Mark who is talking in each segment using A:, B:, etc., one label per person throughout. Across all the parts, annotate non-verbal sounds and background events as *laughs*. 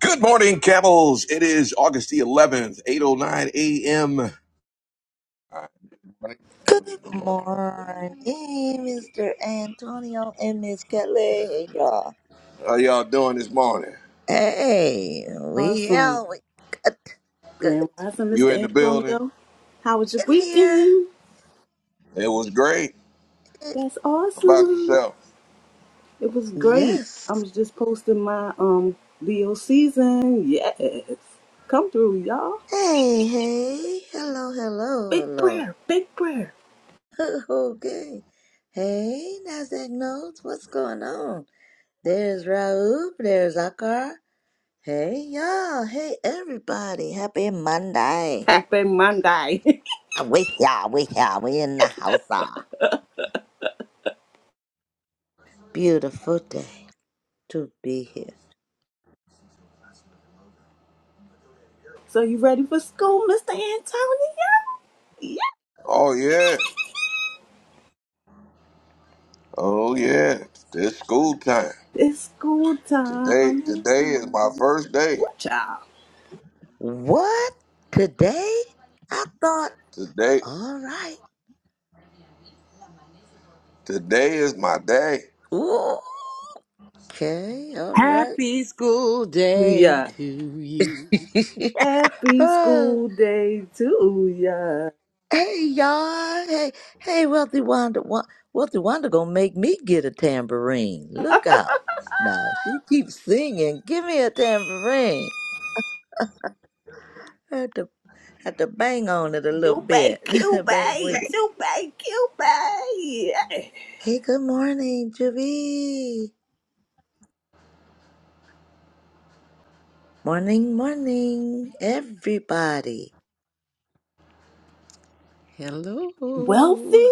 A: Good morning, Camels. It is August the 11th, 8.09 a.m. All right. Good morning.
B: Good
A: Good morning.
B: morning, Mr. Antonio and Miss Kelly. Hey, y'all.
A: How y'all doing this morning?
B: Hey, we
C: Awesome.
B: out. We got good
C: Grand Rising,
A: You
C: Mr.
A: in the building?
C: Antonio. How was your
B: in here.
C: weekend?
A: It was great.
C: That's
A: How about
C: awesome.
A: yourself?
C: It was great.
B: Yes.
C: I was just posting my um Leo season. Yes. Come through, y'all.
B: Hey, hey. Hello,
C: Big
B: hello,
C: prayer, big prayer.
B: hello. *laughs* okay. Hey, NASDAQ notes. What's going on? There's Raoul. There's Akar. Hey, y'all. Hey, everybody. Happy Monday.
C: Happy Monday.
B: We here. We here. We in the house. Beautiful day to be here.
C: *laughs* so you ready for school, Mr. Antonio? Yeah.
A: Oh, yeah. Oh, yeah. It's school time.
C: It's school
A: Today
C: time.
A: today is my first day.
C: Watch out.
B: What? Today? I thought,
A: Today
B: all right.
A: today is my day.
B: Ooh, okay, all right.
D: Happy school day
C: Yeah.
D: to you.
B: *laughs*
C: Happy
B: oh,
C: school day to ya.
B: hey, y'all. Hey, hey, Wealthy Wanda. Wa- Wealthy Wanda gonna make me get a tambourine. Look out. Now, she keeps singing, give me a tambourine. I had to, had to bang on it a little
C: Jubei,
B: bit. *laughs* bang with
C: Cubei,
B: it.
C: Jubei, Cubei.
B: Hey, good morning, Javi. Morning, morning, everybody.
C: Wealthy?
D: Hello.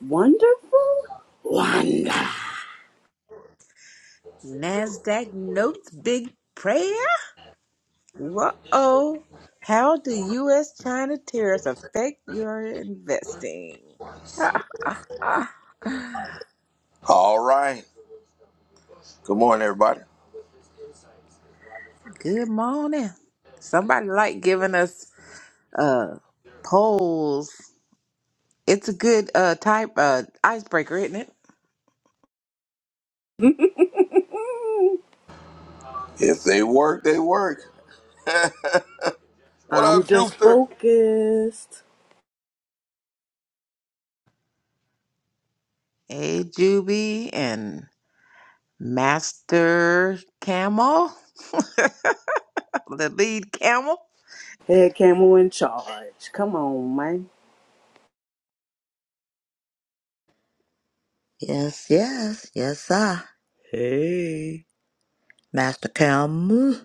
C: Wonderful? Wonder.
D: NASDAQ notes big prayer. Whoa. How do U.S. China tariffs affect your investing? *laughs* Ah, ah.
A: All right. Good morning, everybody.
D: Good morning. Somebody like giving us uh polls. It's a good uh type uh icebreaker, isn't it?
C: Mm,
A: If they work, they work. *laughs* what
C: I'm
A: up,
C: just
A: Juicer?
C: focused.
D: Hey Juby and Master Camel, *laughs* the lead camel.
C: Head camel in charge. Come on, man.
B: Yes, yes, yes, sir. Hey, Master Cam,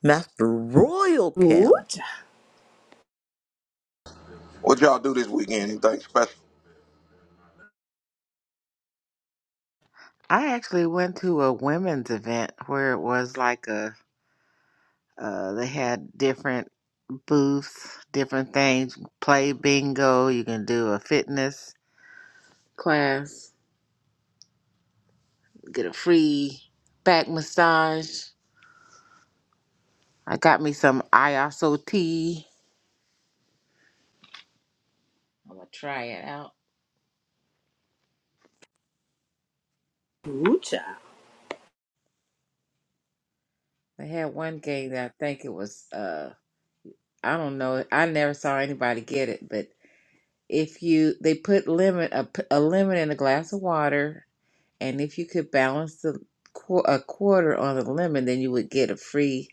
B: Master Royal
C: Ooh,
B: Cam.
C: child.
A: What y'all do this weekend? Anything special?
D: I actually went to a women's event where it was like a uh, they had different booths, different things. Play bingo. You can do a fitness class. Get a free back massage. I got me some ISO tea. I'm gonna try it out.
C: Ooh, child.
D: They had one game that I think it was. uh I don't know. I never saw anybody get it, but if you they put lemon a, p- a lemon in a glass of water and if you could balance the qu- a quarter on the lemon, then you would get a free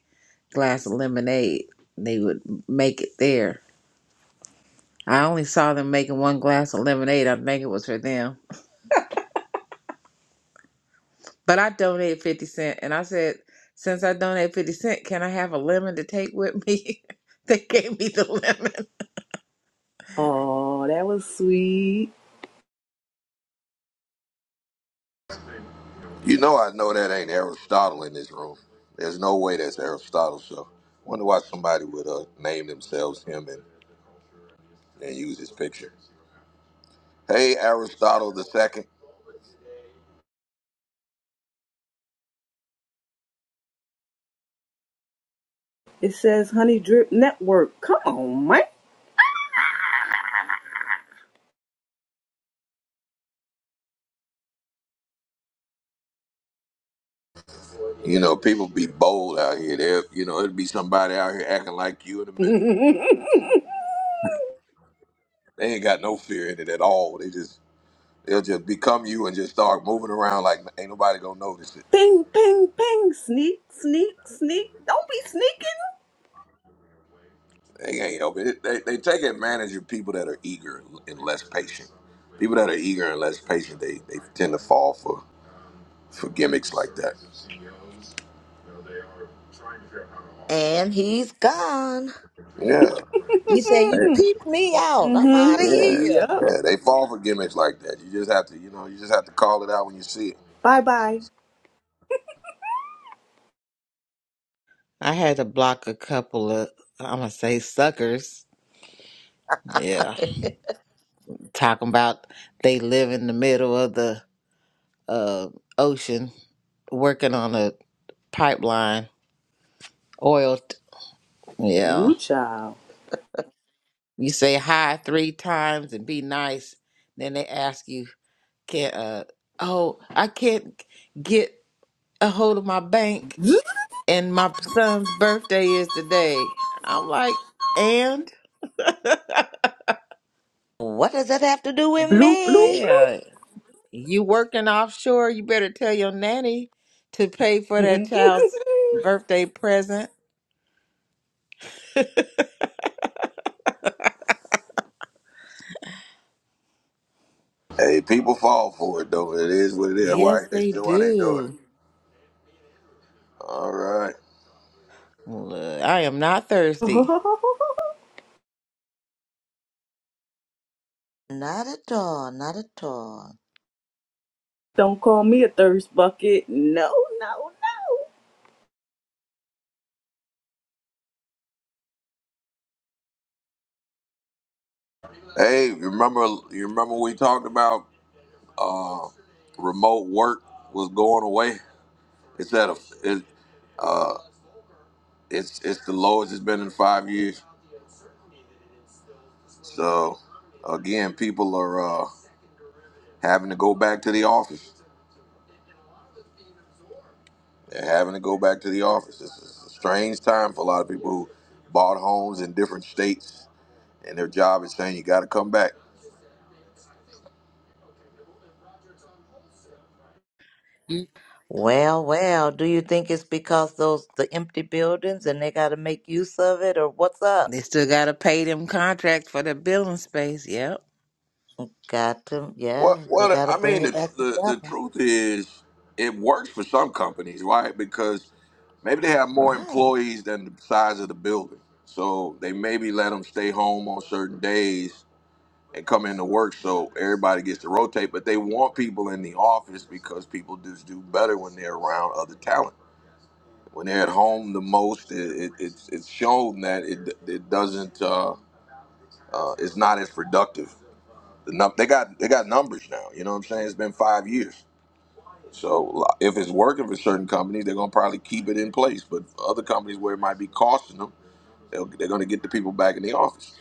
D: glass of lemonade. They would make it there. I only saw them making one glass of lemonade. I think it was for them. But I donated fifty cent, and I said, since I donated fifty cent, can I have a lemon to take with me? *laughs* they gave me the lemon.
C: Oh, that was sweet.
A: You know, I know that ain't Aristotle in this room. There's no way that's Aristotle. So, wonder why somebody would uh, name themselves him and, and use his picture. Hey, Aristotle the second.
C: It says Honey Drip Network. Come on, man.
A: You know, people be bold out here. There, you know, it'd be somebody out here acting like you in a minute.
C: *laughs*
A: They ain't got no fear in it at all. They just they'll just become you and just start moving around like ain't nobody gonna notice it.
C: ping, ping, ping. Sneak, sneak, sneak. Don't be sneaking.
A: They ain't help it. They, they take advantage of people that are eager and less patient. People that are eager and less patient, they, they tend to fall for for gimmicks like that.
B: And he's gone.
A: Yeah.
B: He said, You
A: They-
B: peeped me
C: *laughs*
B: out. I'm
C: mm-hmm.
B: out of
A: Yeah.
B: here.
C: Yep.
A: Yeah. They fall for gimmicks like that. You just have to, you know, you just have to call it out when you see it.
C: Bye-bye.
D: I had to block a couple of, I'm gonna say suckers. Yeah,
B: *laughs*
D: talking about they live in the middle of the uh, ocean working on a pipeline oil. T- yeah,
C: Ooh, child.
D: you say hi three times and be nice. Then they ask you, "Can uh oh I can't get a hold of my
C: *laughs*
D: bank
C: Bloop,
D: and my son's birthday is today." I'm like, and
B: what does that have to do with
C: bloop,
B: me?
C: bloop.
D: yeah, you working offshore? You better tell your nanny to pay
C: *laughs*
D: for that
C: Don't
D: child's birthday present.
A: Hey, people fall for it though. It is what it is. Why
D: Yes,
A: they
D: they
A: still why they do it.
D: do.
A: All right.
D: Look, I am not thirsty.
B: Not at all, not at all.
C: call me a thirst bucket. No, no, no.
A: Hey, you remember you remember we talked about uh remote work was going away? It's at a it, uh it's it's the lowest it's been in five years. So again, people are uh having to go back to the office. They're having to go back to the office. This is a strange time for a lot of people who bought homes in different states, and their job is saying you got to come back.
D: You
B: Well, well, do you think it's because those the empty buildings and they got to make use of it or what's up?
D: They still gotta pay them contracts for the building space. Yep,
B: Got to,
A: Well,
B: yeah, they
A: well,
B: got to
A: I
B: bring
A: mean,
B: it
A: the,
B: back
A: the the
B: together.
A: truth is, it works for some companies, right? Because maybe they have more
B: Right.
A: employees than the size of the building, so they maybe let them stay home on certain days and come into work, so everybody gets to rotate. But they want people in the office because people just do better when they're around other talent. when they're at home the most, it, it, it's it's shown that it it doesn't uh, uh, it's not as productive. The num- they got they got numbers now. You know what I'm saying? It's been five years. So if it's working for certain companies, they're gonna probably keep it in place. But for other companies where it might be costing them, they'll, they're gonna get the people back in the office.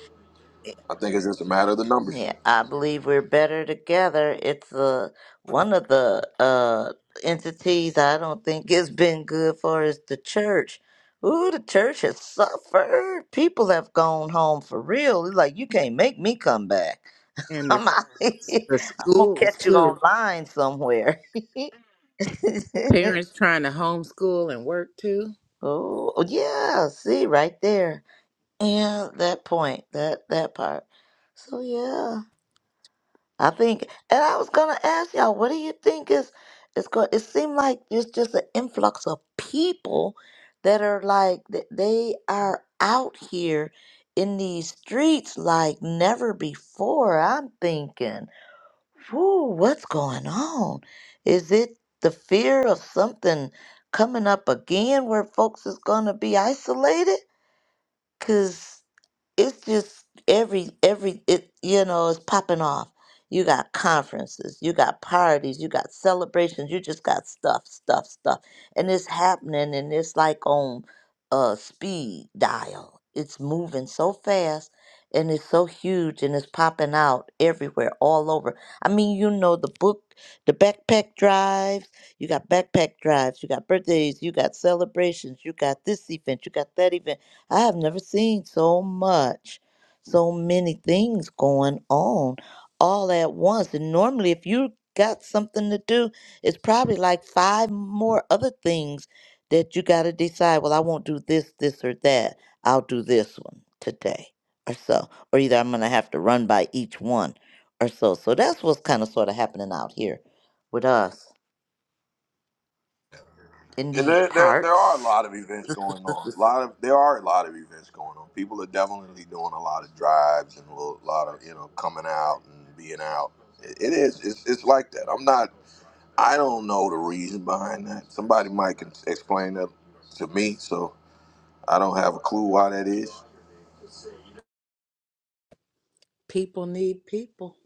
A: I think it's just a matter of the numbers.
B: Yeah, I believe we're better together. It's uh, one of the uh, entities I don't think it has been good for is the church. Ooh, the church has suffered. People have gone home for real. It's like, you can't make me come back. *laughs*
D: and the
B: I'm
D: s-
B: out. here.
D: the
B: I'm going to
D: schools
B: catch you
D: too.
B: online somewhere. *laughs*
D: Parents trying to homeschool and work too.
B: oh, yeah. See, right there. Yeah, that point, that that part. So, yeah. I think, and I was gonna ask y'all, what do you think is is going? It seemed like it's just an influx of people that are like th- they are out here in these streets like never before. I'm thinking, whoo, what's going on? Is it the fear of something coming up again where folks is gonna be isolated? it's just every every it you know it's popping off you got conferences you got parties you got celebrations you just got stuff stuff stuff and it's happening and it's like on uh speed dial it's moving so fast and it's so huge and it's popping out everywhere all over i mean you know the book the backpack drives you got backpack drives you got birthdays you got celebrations you got this event you got that event I have never seen so much, so many things going on all at once. And normally, if you got something to do, it's probably like five more other things that you got to decide. Well, I won't do this, this, or that. I'll do this one today or so. Or either I'm going to have to run by each one or so. So that's what's kind of sort of happening out here with us in
A: And
B: these
A: there, there, there are a
B: parts.
A: lot of events going on. A lot of there are a lot of events going on. People are definitely doing a lot of drives and a little- lot of you know coming out and being out. It, it is. It's, it's like that. I'm not. I don't know the reason behind that. Somebody might can explain that to me. So I don't have a clue why that is.
D: People need people.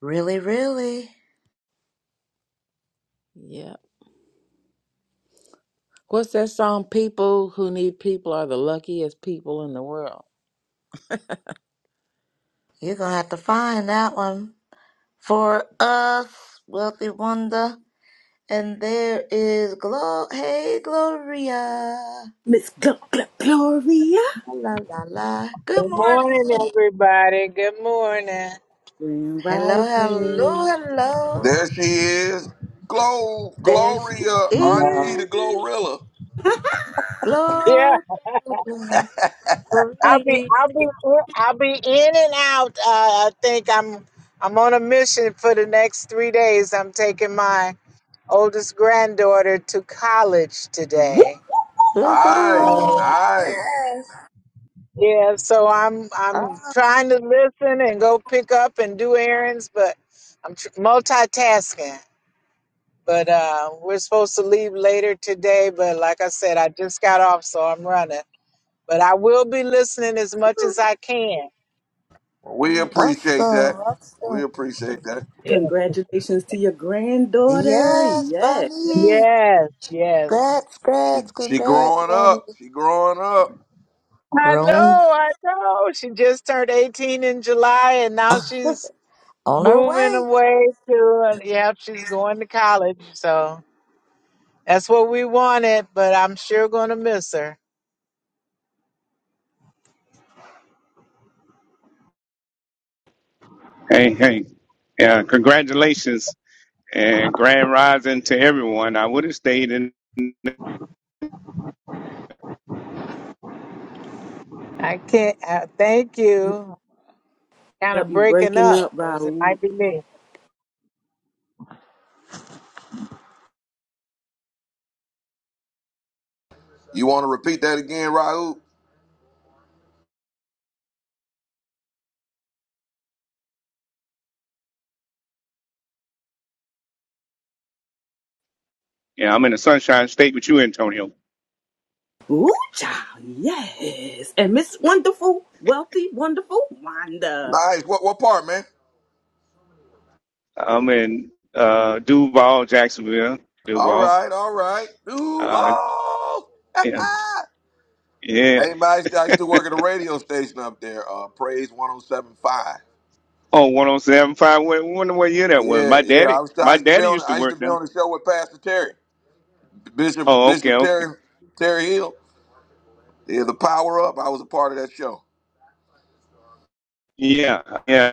B: Really, really.
D: Yep. What's that song? People who need people are the luckiest people in the world.
B: You're going to have to find that one For us, wealthy wonder, and there is glo- hey Gloria.
C: Miss Gl- Gl- Gloria.
B: La la la. Good
E: Good morning,
B: morning.
E: everybody. Good morning.
C: Grand
B: Hello, hello,
C: Rising.
B: hello.
A: There she is, Glow
B: There she
A: Gloria, Auntie
E: No.
A: the
B: is.
A: Glorilla.
E: Yeah,
B: Gloria.
E: I'll be,
B: Gloria.
E: I'll be, in- I'll be in and out. Uh, I think I'm, I'm on a mission for the next three days. I'm taking my oldest granddaughter to college
C: Whoop.
E: today.
A: Nice,
E: So
B: Woohoo.
A: nice.
E: yeah, so I'm,
B: Ah,
E: I'm trying to listen and go pick up and do errands, but I'm tr- multitasking. But uh, we're supposed to leave later today. But like I said, I just got off, so I'm running. but I will be listening as much as I can.
A: We appreciate
B: Awesome,
A: that. We
B: awesome.
A: appreciate that.
E: Yeah.
C: Congratulations to your granddaughter.
B: Yes,
C: Yes.
B: Bunny.
E: Yes, yes.
B: Congrats,
A: She,
B: congrats,
A: she
B: congrats,
A: growing
B: Bunny.
A: up. She growing up.
E: I know,
B: Growing
E: I know. She just turned 18 in July and now she's
B: on our
E: moving
B: way.
E: away to, yeah, she's going to college. So that's what we wanted, but I'm sure going to miss her.
F: Hey, hey. Yeah, congratulations and grand rising to everyone. I would have stayed in,
E: I can't, uh, thank you. Kind
C: Yep,
E: of
C: you
E: breaking
C: breaking
E: up,
C: up,
E: or is it
C: Raul.
E: might be me?
A: You want to repeat that again, Raul?
F: yeah, I'm in the Sunshine State with you, Antonio.
C: Ooh, child, yes. And Miss Wonderful, Wealthy, Wonderful Wanda.
A: Nice. What what part, man?
F: I'm in uh, Duval, Jacksonville,
A: All
F: Duval.
A: right, all right.
F: Uh,
A: Duval.
F: yeah,
A: *laughs*
F: yeah.
A: hey, man, I used, to, I used to
F: *laughs*
A: work at a radio station up there, uh, Praise 107.5.
F: Oh, 1075. Wait, wonder what year that was.
A: Yeah,
F: My
A: yeah. I
F: daddy,
A: was I
F: my
A: used to be
F: daddy
A: on
F: used to
A: I used
F: work
A: to be
F: there.
A: on the show with Pastor Terry, Bishop
F: Oh, okay,
A: Bishop
F: okay.
A: Terry Terry Hill. Yeah, the Power Up. I was a part of that show.
F: Yeah, yeah.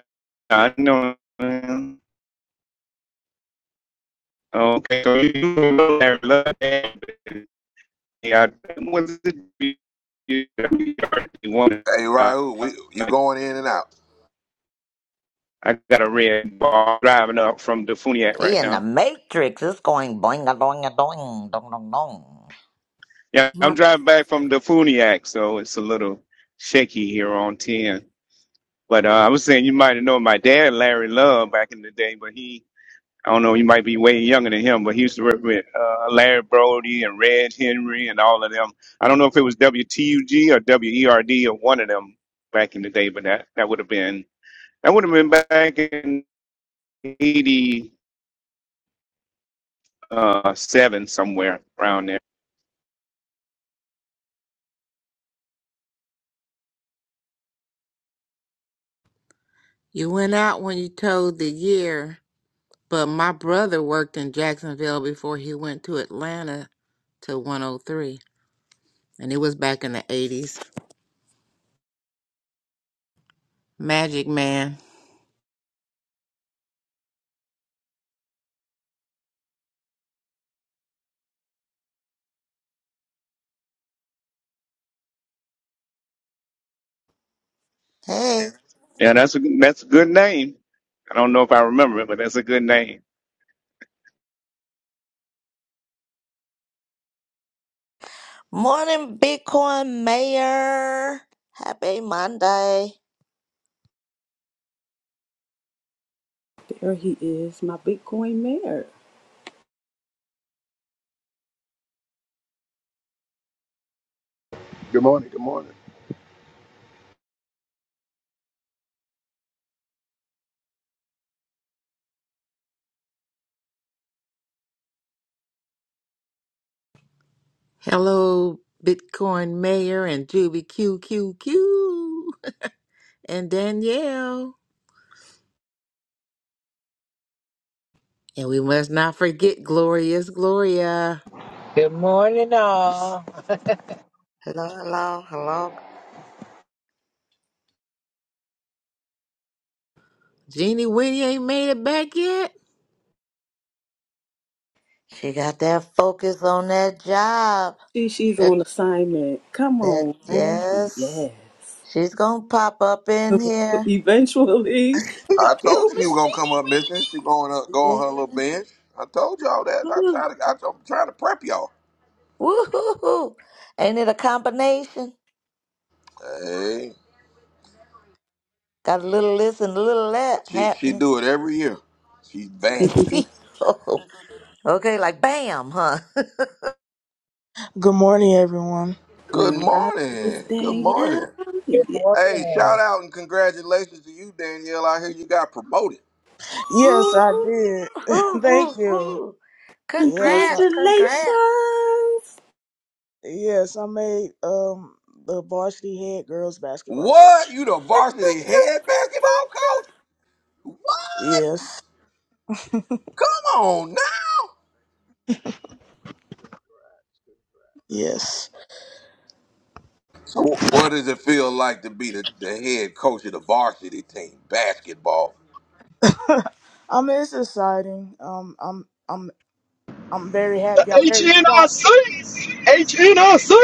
F: I know. Okay, so you know Larry Love. yard, was it yard you
A: Hey,
F: Uh,
A: Raul, we you
F: I
A: going in and out.
F: got a red bar driving up from the Funiac
B: He
F: right
B: in the
F: now.
B: Matrix. It's going boing a doing a doing dong dong dong.
F: Yeah, I'm
D: My,
F: driving back from the Funiac, so it's a little shaky here on 10. But uh, I was saying you might have known my dad, Larry Love, back in the day, but he, I don't know, you might be way younger than him, but he used to work with uh, Larry Brody and Red Henry and all of them. I don't know if it was WTUG or WERD or one of them back in the day, but that, that would have been That would have been back in '87 somewhere around there.
D: you went out when you told the year, but my brother worked in Jacksonville before he went to Atlanta to 103, and it was back in the 80s. Magic Man.
B: Hey,
F: Yeah, that's a that's a good name. I don't know if I remember it, but that's a good name.
B: morning, Bitcoin Mayor. Happy Monday.
C: There he is, my Bitcoin mayor.
G: Good morning. Good morning.
D: Hello, Bitcoin Mayor and Juby Q Q Q and Danielle. And we must not forget Glorious Gloria.
E: Good morning, all.
B: Hello, hello, hello.
D: Jeannie Winnie ain't made it back yet.
B: She got that focus on that job.
C: She, she's
B: That
C: on assignment. Come
B: that
C: on, man.
B: yes,
C: Yes.
B: she's gonna pop up in
C: *laughs*
B: here.
C: Eventually,
A: I
C: I'm
A: told
C: so
A: you he was gonna come up
C: mistaken.
A: missing. She going up, go
B: Yeah.
A: on her little bench. I told y'all that. I
B: Woo
A: try to, I, I'm trying to prep y'all.
B: Woohoo! Ain't it a combination?
A: Hey,
B: Got a little this and a little that
A: she she
B: happening.
A: do it every year. She vanished.
B: *laughs*
C: *laughs*
B: okay, like bam, huh?
H: Good morning, everyone.
A: Good
C: Grand Rising Miss
A: morning. Good
C: Danielle.
A: morning.
E: Good
C: Yeah.
A: Hey,
E: morning.
A: shout out and congratulations to you, Danielle. I hear you got promoted.
H: Yes,
B: Ooh,
H: I did.
B: ooh,
H: *laughs* Thank
B: ooh,
H: you.
B: ooh.
H: Yes, I,
C: Congratulations.
B: Congrats, congrats.
H: yes, I made um the varsity head girls basketball
A: What?
H: coach.
A: You the varsity head basketball coach? What?
H: Yes,
A: Come on now.
H: yes.
A: So, what does it feel like to be the, the head coach of the varsity team basketball?
H: I mean, it's exciting. Um, I'm, I'm, I'm very happy. I'm very shocked.
I: HNIC. HNIC.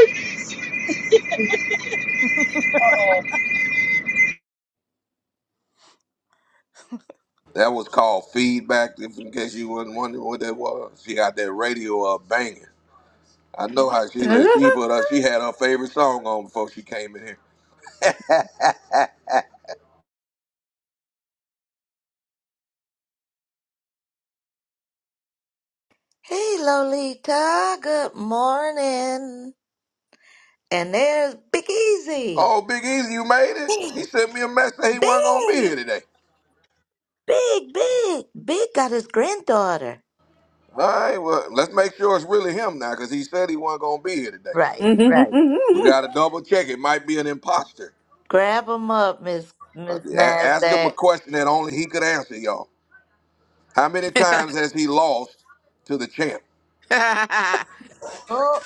A: That was called feedback. If in case you wasn't wondering what that was, she got that radio uh, banging. I know how
C: *laughs*
A: she lives. She put her, she had her favorite song on before she came in here.
B: Hey, Lolita. Good morning. And there's Big Easy.
A: Oh, Big Easy, you made it.
B: Big,
A: He sent me a message that he wasn't gonna be
B: big,
A: here today.
B: big, big. Big got his granddaughter.
A: All right, well, let's make sure it's really him now, cause he said he wasn't gonna be here today.
B: Right, right.
A: We gotta double check. It might be an imposter.
B: Grab him up, Miss
A: Uh,
B: Miss
A: yeah, A- ask him a
B: Nasdaq.
A: question that only he could answer, y'all. How many times has he lost to the champ?
D: *laughs*
B: Oh,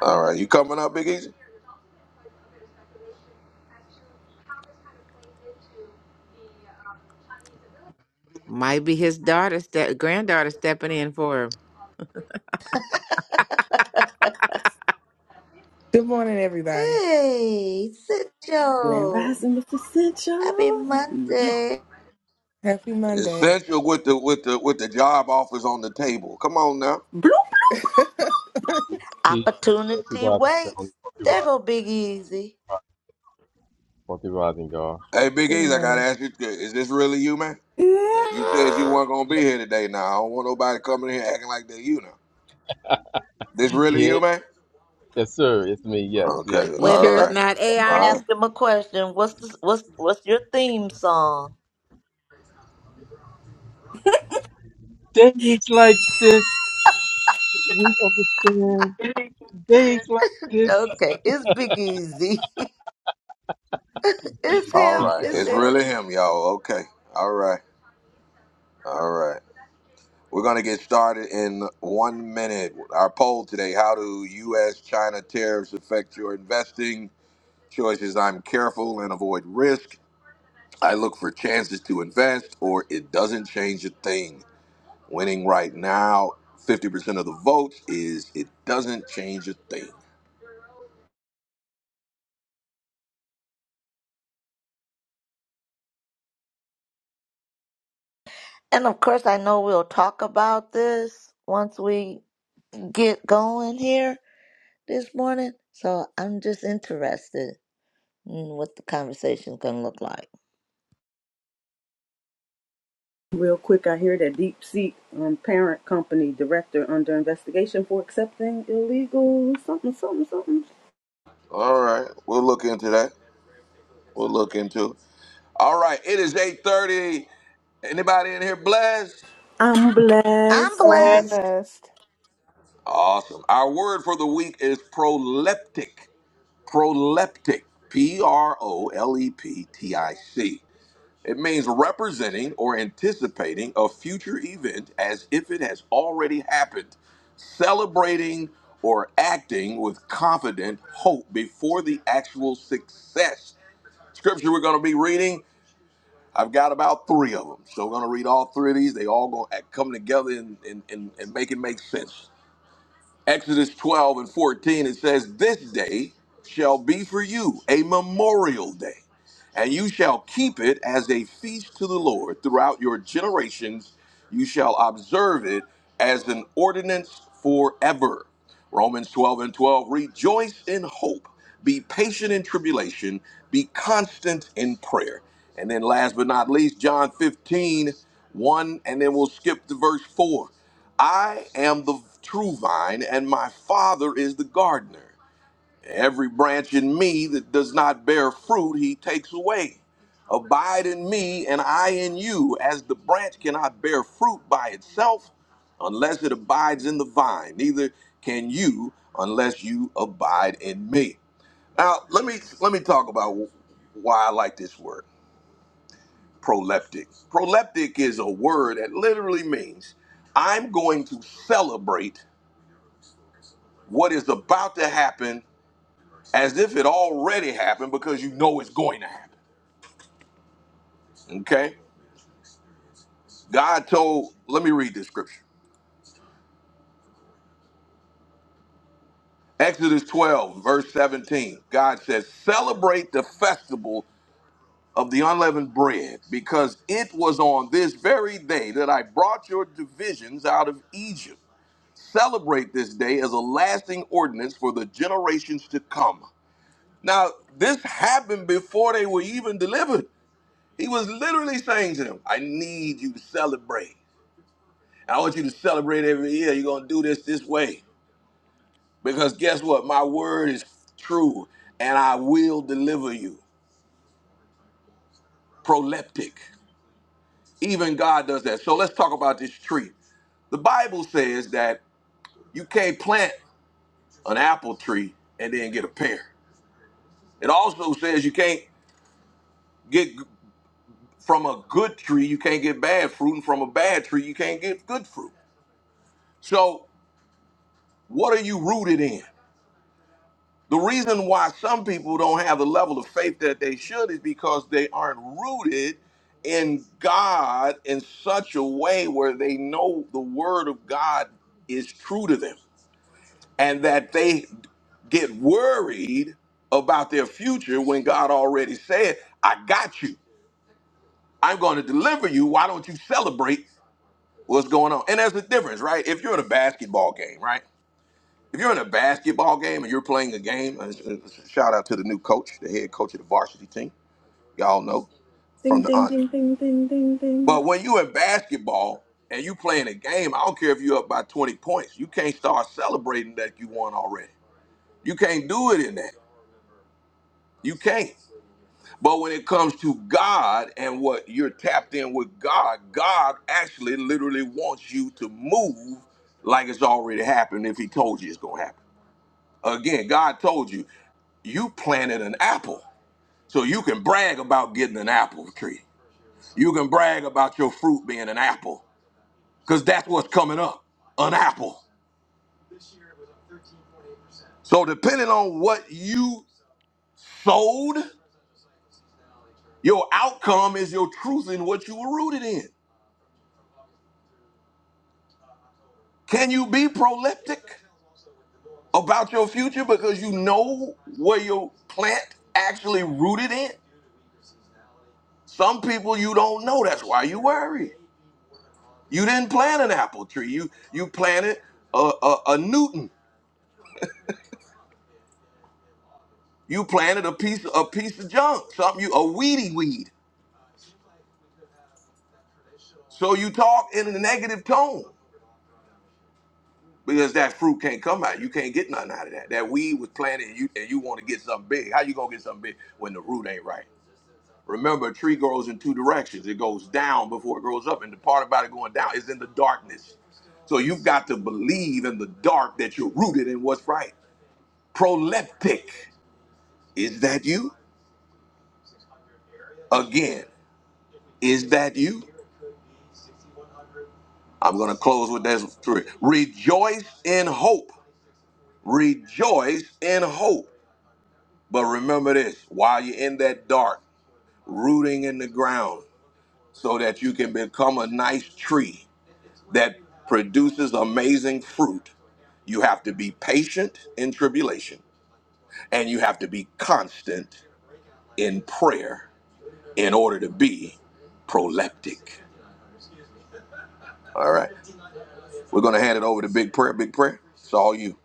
A: All right, you coming up, Biggie?
D: Might be his daughter, step, granddaughter stepping in for him.
J: Good morning, everybody.
B: hey, sit
C: Grand
B: Joe.
C: Rising Mr.
B: Happy
C: Essentials. Yeah.
B: Monday.
J: Happy Monday.
A: Essential with the with the with the job offers on the table. Come on now.
C: Bloop.
J: *laughs* Good
K: Peace, Wealthy
B: Opportunity
K: Rising family,
B: waits.
K: Wealthy
B: There
K: Rising,
B: go Big Easy.
K: Wealthy Rising, y'all.
A: Hey Big E's, I gotta
J: morning.
A: ask you, is this really you, man? Uh, You said you
C: Yeah.
A: weren't gonna be
K: Yes,
A: here today. Now I don't want nobody coming in here acting like they're you now. This really
K: yeah,
A: you, man?
K: yes, sir. It's me. Yes, yes.
A: Okay,
D: You
B: Wait a
A: all
B: minute.
D: sure it's
B: Let
A: right,
B: me
D: not
B: let me
A: all right,
D: AI?
B: ask him a question. What's the, what's what's your theme song?
K: Days like this, we understand. Days like this.
B: Okay, it's Big Easy. *laughs* It's
A: all
B: him.
K: Peace,
A: right.
B: It's
A: It's
K: everyone.
B: him.
A: really him, y'all. Okay, all right, all right. We're gonna get started in one minute. Our poll today: How do U.S.-China tariffs affect your investing choices? I'm careful and avoid risk. I look for chances to invest, or it doesn't change a thing. Winning right now, 50% of the votes is it doesn't change a thing.
B: And of course, I know we'll talk about this once we get going here this morning. So I'm just interested in what the conversation's gonna look like.
C: Real quick, I hear that Deep Seek um, parent company director under investigation for accepting illegal something, something, something.
A: All right, we'll look into that. We'll look into it. All right, it is 8.30. Anybody in here blessed?
C: I'm
B: I'm
C: blessed.
J: I'm
B: blessed.
J: blessed.
A: Awesome. Our word for the week is proleptic. Proleptic. P R O L E P T I C. It means representing or anticipating a future event as if it has already happened. celebrating or acting with confident hope before the actual success. Scripture we're going to be reading, I've got about three of them. So we're going to read all three of these. They all going to come together and, and, and, and make it make sense. Exodus 12 and 14, it says, This day shall be for you a memorial day and you shall keep it as a feast to the Lord throughout your generations. You shall observe it as an ordinance forever. Romans 12 and 12 Rejoice in hope, be patient in tribulation, be constant in prayer. And then, last but not least, John fifteen one. and then we'll skip to verse 4. I am the true vine, and my Father is the gardener. Every branch in me that does not bear fruit, he takes away. Abide in me, and I in you. As the branch cannot bear fruit by itself unless it abides in the vine, neither can you unless you abide in me. Now, let me let me talk about why I like this word, proleptic. Proleptic is a word that literally means I'm going to celebrate what is about to happen as if it already happened because you know it's going to happen. Okay? God told, let me read this scripture. Exodus 12, verse 17. God says, Celebrate the festival of the unleavened bread, because it was on this very day that I brought your divisions out of Egypt. Celebrate this day as a lasting ordinance for the generations to come. Now, this happened before they were even delivered. He was literally saying to them, I need you to celebrate. I want you to celebrate every year. You're going to do this this way. Because guess what? My word is true and I will deliver you. Proleptic. Even God does that. So let's talk about this tree. The Bible says that you can't plant an apple tree and then get a pear. It also says you can't get g- from a good tree, you can't get bad fruit, and from a bad tree, you can't get good fruit. So, what are you rooted in? The reason why some people don't have the level of faith that they should is because they aren't rooted in God in such a way where they know the word of God is true to them and that they get worried about their future when God already said, I got you. I'm going to deliver you. Why don't you celebrate what's going on? And there's a difference, right? If you're in a basketball game, right? If you're in a basketball game and you're playing a game, uh, sh- shout out to the new coach, the head coach of the varsity team. Y'all know
C: Ding,
A: from the
C: ding,
A: on.
C: ding, ding, ding, ding, ding.
A: But when you in basketball and you playing a game, I don't care if you're up by 20 points. You can't start celebrating that you won already. You can't do it in that. You can't. But when it comes to God and what you're tapped in with God, God actually literally wants you to move like it's already happened if he told you it's going to happen. Again, God told you, you planted an apple. So you can brag about getting an apple tree. You can brag about your fruit being an apple because that's what's coming up an apple. So, depending on what you sowed, your outcome is your truth in what you were rooted in. Can you be proleptic about your future because you know where your plant actually rooted in? Some people you don't know, that's why you worry. You didn't plant an apple tree. You you planted a, a, a Newton. You planted a piece a piece of junk, something you a weedy weed. So you talk in a negative tone because that fruit can't come out. You can't get nothing out of that. That weed was planted, and you and you want to get something big. How you gonna get something big when the root ain't right? Remember, a tree grows in two directions. It goes down before it grows up, and the part about it going down is in the darkness. So you've got to believe in the dark that you're rooted in what's right. Proleptic, is that you? again. Is that you? I'm going to close with this three. Rejoice in hope. Rejoice in hope. But remember this while you're in that dark, rooting in the ground so that you can become a nice tree that produces amazing fruit, you have to be patient in tribulation and you have to be constant in prayer in order to be proleptic. All right. We're going to hand it over to Big Prayer. Big Prayer, it's all you.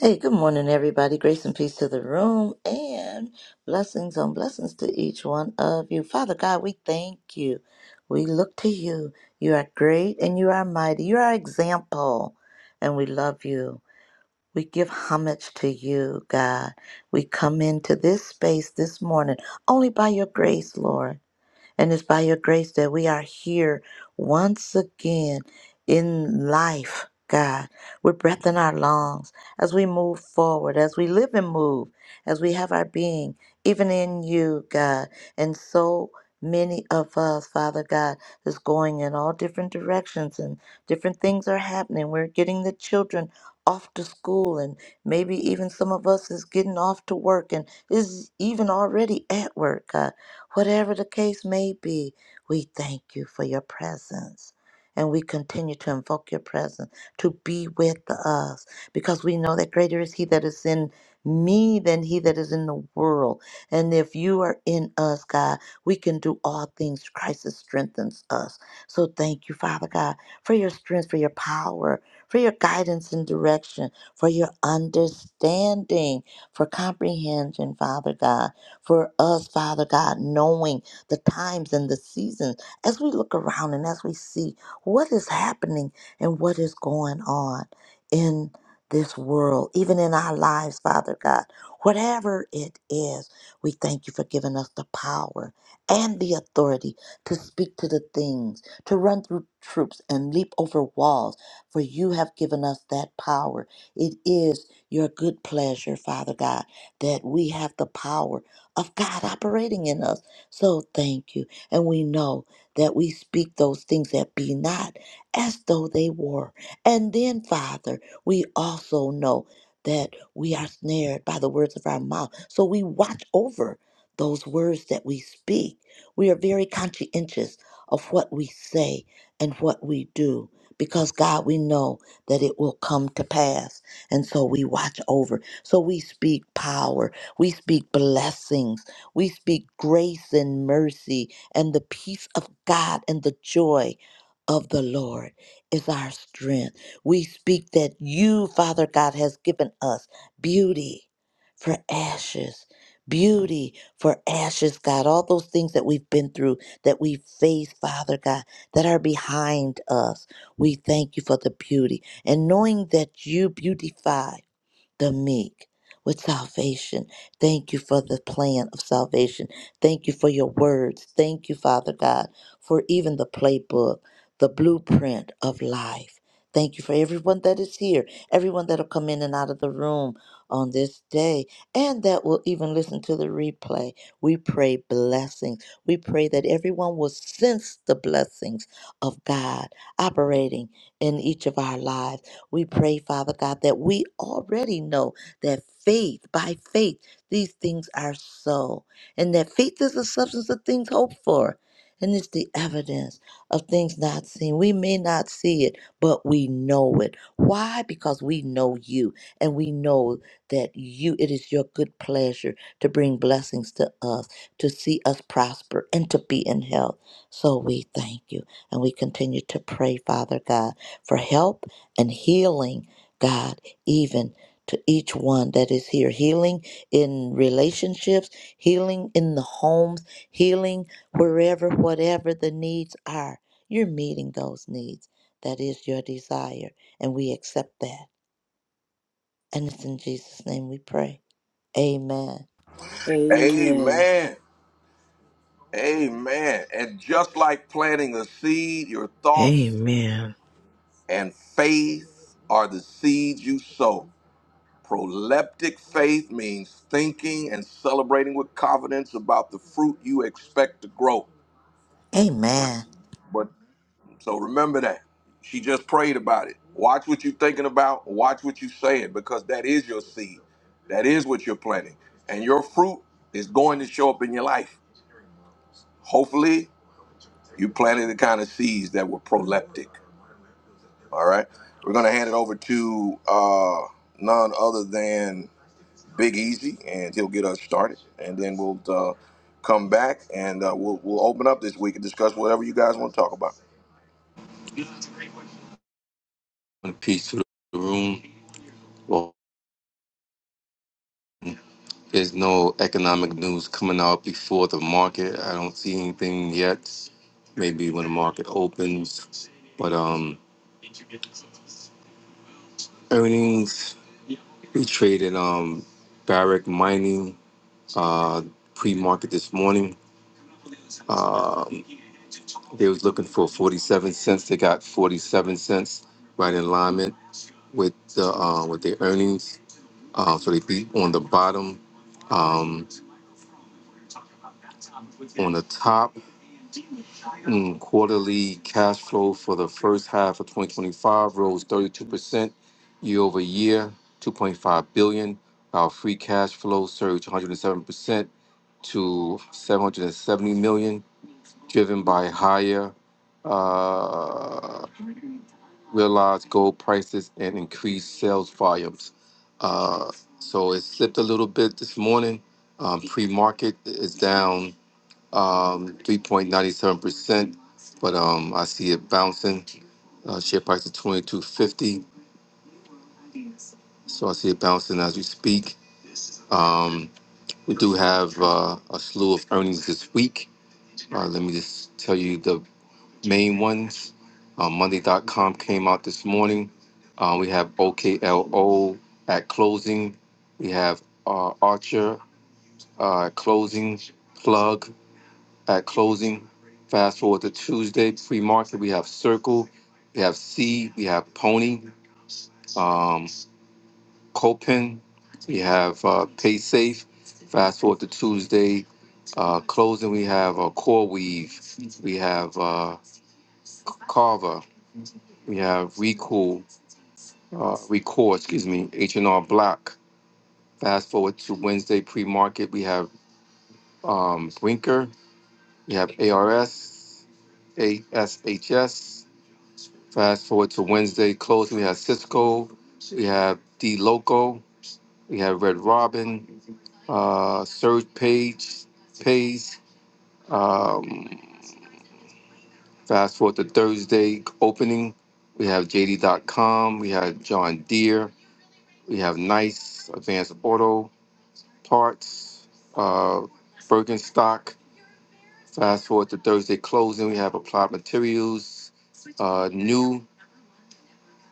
B: Hey, good morning, everybody. Grace and peace to the room and blessings on blessings to each one of you. Father God, we thank you. We look to you. You are great and you are mighty. You are our example, and we love you. We give homage to you, God. We come into this space this morning only by your grace, Lord. And it's by your grace that we are here once again in life, God. We're breath in our lungs as we move forward, as we live and move, as we have our being, even in you, God. And so many of us, Father God, is going in all different directions and different things are happening. We're getting the children off to school and maybe even some of us is getting off to work and is even already at work. God. Whatever the case may be, we thank you for your presence. And we continue to invoke your presence to be with us because we know that greater is He that is in me than He that is in the world. And if you are in us, God, we can do all things. Christ that strengthens us. So thank you, Father God, for your strength, for your power, for your guidance and direction, for your understanding, for comprehension, Father God for us, Father God, knowing the times and the seasons as we look around and as we see what is happening and what is going on in this world, even in our lives, Father God. Whatever it is, we thank you for giving us the power and the authority to speak to the things, to run through troops and leap over walls, for you have given us that power. It is your good pleasure, Father God, that we have the power of God operating in us. So thank you. And we know that we speak those things that be not as though they were. And then, Father, we also know that we are snared by the words of our mouth. So we watch over those words that we speak. We are very conscientious of what we say and what we do because God, we know that it will come to pass. And so we watch over. So we speak power we speak blessings. We speak grace and mercy and the peace of God and the joy of the Lord is our strength. We speak that you, Father God, has given us beauty for ashes. Beauty for ashes, God. All those things that we've been through, that we face, Father God, that are behind us. We thank you for the beauty. And knowing that you beautify the meek with salvation. Thank you for the plan of salvation. Thank you for your words. Thank you, Father God, for even the playbook, the blueprint of life. Thank you for everyone that is here, everyone that'll come in and out of the room on this day, and that will even listen to the replay. We pray blessings. We pray that everyone will sense the blessings of God operating in each of our lives we pray, Father God, that we already know that faith, by faith, these things are so. And that faith is the substance of things hoped for. And it's the evidence of things not seen. We may not see it, but we know it. Why? Because we know you and we know that you, it is your good pleasure to bring blessings to us, to see us prosper and to be in health. So we thank you and we continue to pray, Father God, for help and healing, God, even to each one that is here. Healing in relationships, healing in the homes, healing wherever, whatever the needs are. You're meeting those needs. That is your desire, and we accept that. And it's in Jesus' name we pray. Amen.
C: Amen.
A: Amen. Amen. And just like planting a seed, your thoughts
D: Amen.
A: and faith are the seeds you sow. Proleptic faith means thinking and celebrating with confidence about the fruit you expect to grow.
B: Amen.
A: But so remember that. She just prayed about it. Watch what you're thinking about, watch what you're saying, because that is your seed. That is what you're planting. And your fruit is going to show up in your life. Hopefully, You planted the kind of seeds that were proleptic. All right. We're going to hand it over to uh, none other than Big Easy, and he'll get us started. And then we'll uh, come back and uh, we'll, we'll open up this week and discuss whatever you guys want to talk about.
K: and peace to the room. Well, there's no economic news coming out before the market. I don't see anything yet. Maybe when the market opens. But um earnings, we traded um Barrick Mining uh pre-market this morning. Um, they was looking for 47 cents. They got 47 cents, right in alignment with the uh, with their earnings. Uh, so they beat on the bottom. Um, on the top, mm, quarterly cash flow for the first half of 2025 rose 32% year over year, 2.5 billion. Our free cash flow surged 107% to 770 million. driven by higher uh, realized gold prices and increased sales volumes. Uh, so it slipped a little bit this morning. Um, pre-market is down um, 3.97%, but um, I see it bouncing. Uh, share price is 22.50, so I see it bouncing as we speak. Um, we do have uh, a slew of earnings this week. Uh, let me just tell you the main ones. Um, Monday.com came out this morning. Uh, we have OKLO at closing. We have uh, Archer uh, at closing, Plug at closing. Fast forward to Tuesday, pre market. We have Circle, we have C, we have Pony, um, Copen, we have uh, PaySafe. Fast forward to Tuesday, uh, closing. We have uh, CoreWeave, we have uh, Carver, we have Recool, uh, record, excuse me, H&R Block. Fast forward to Wednesday pre-market, we have um, Brinker, we have ARS, ASHS. Fast forward to Wednesday closing, we have Cisco, we have D Loco, we have Red Robin, uh, Surge Page, Pays. Um, fast forward to Thursday opening, we have JD.com, we have John Deere, we have Nice, Advanced Auto, parts, uh, Bergenstock. Fast forward to Thursday closing, we have Applied Materials, uh, New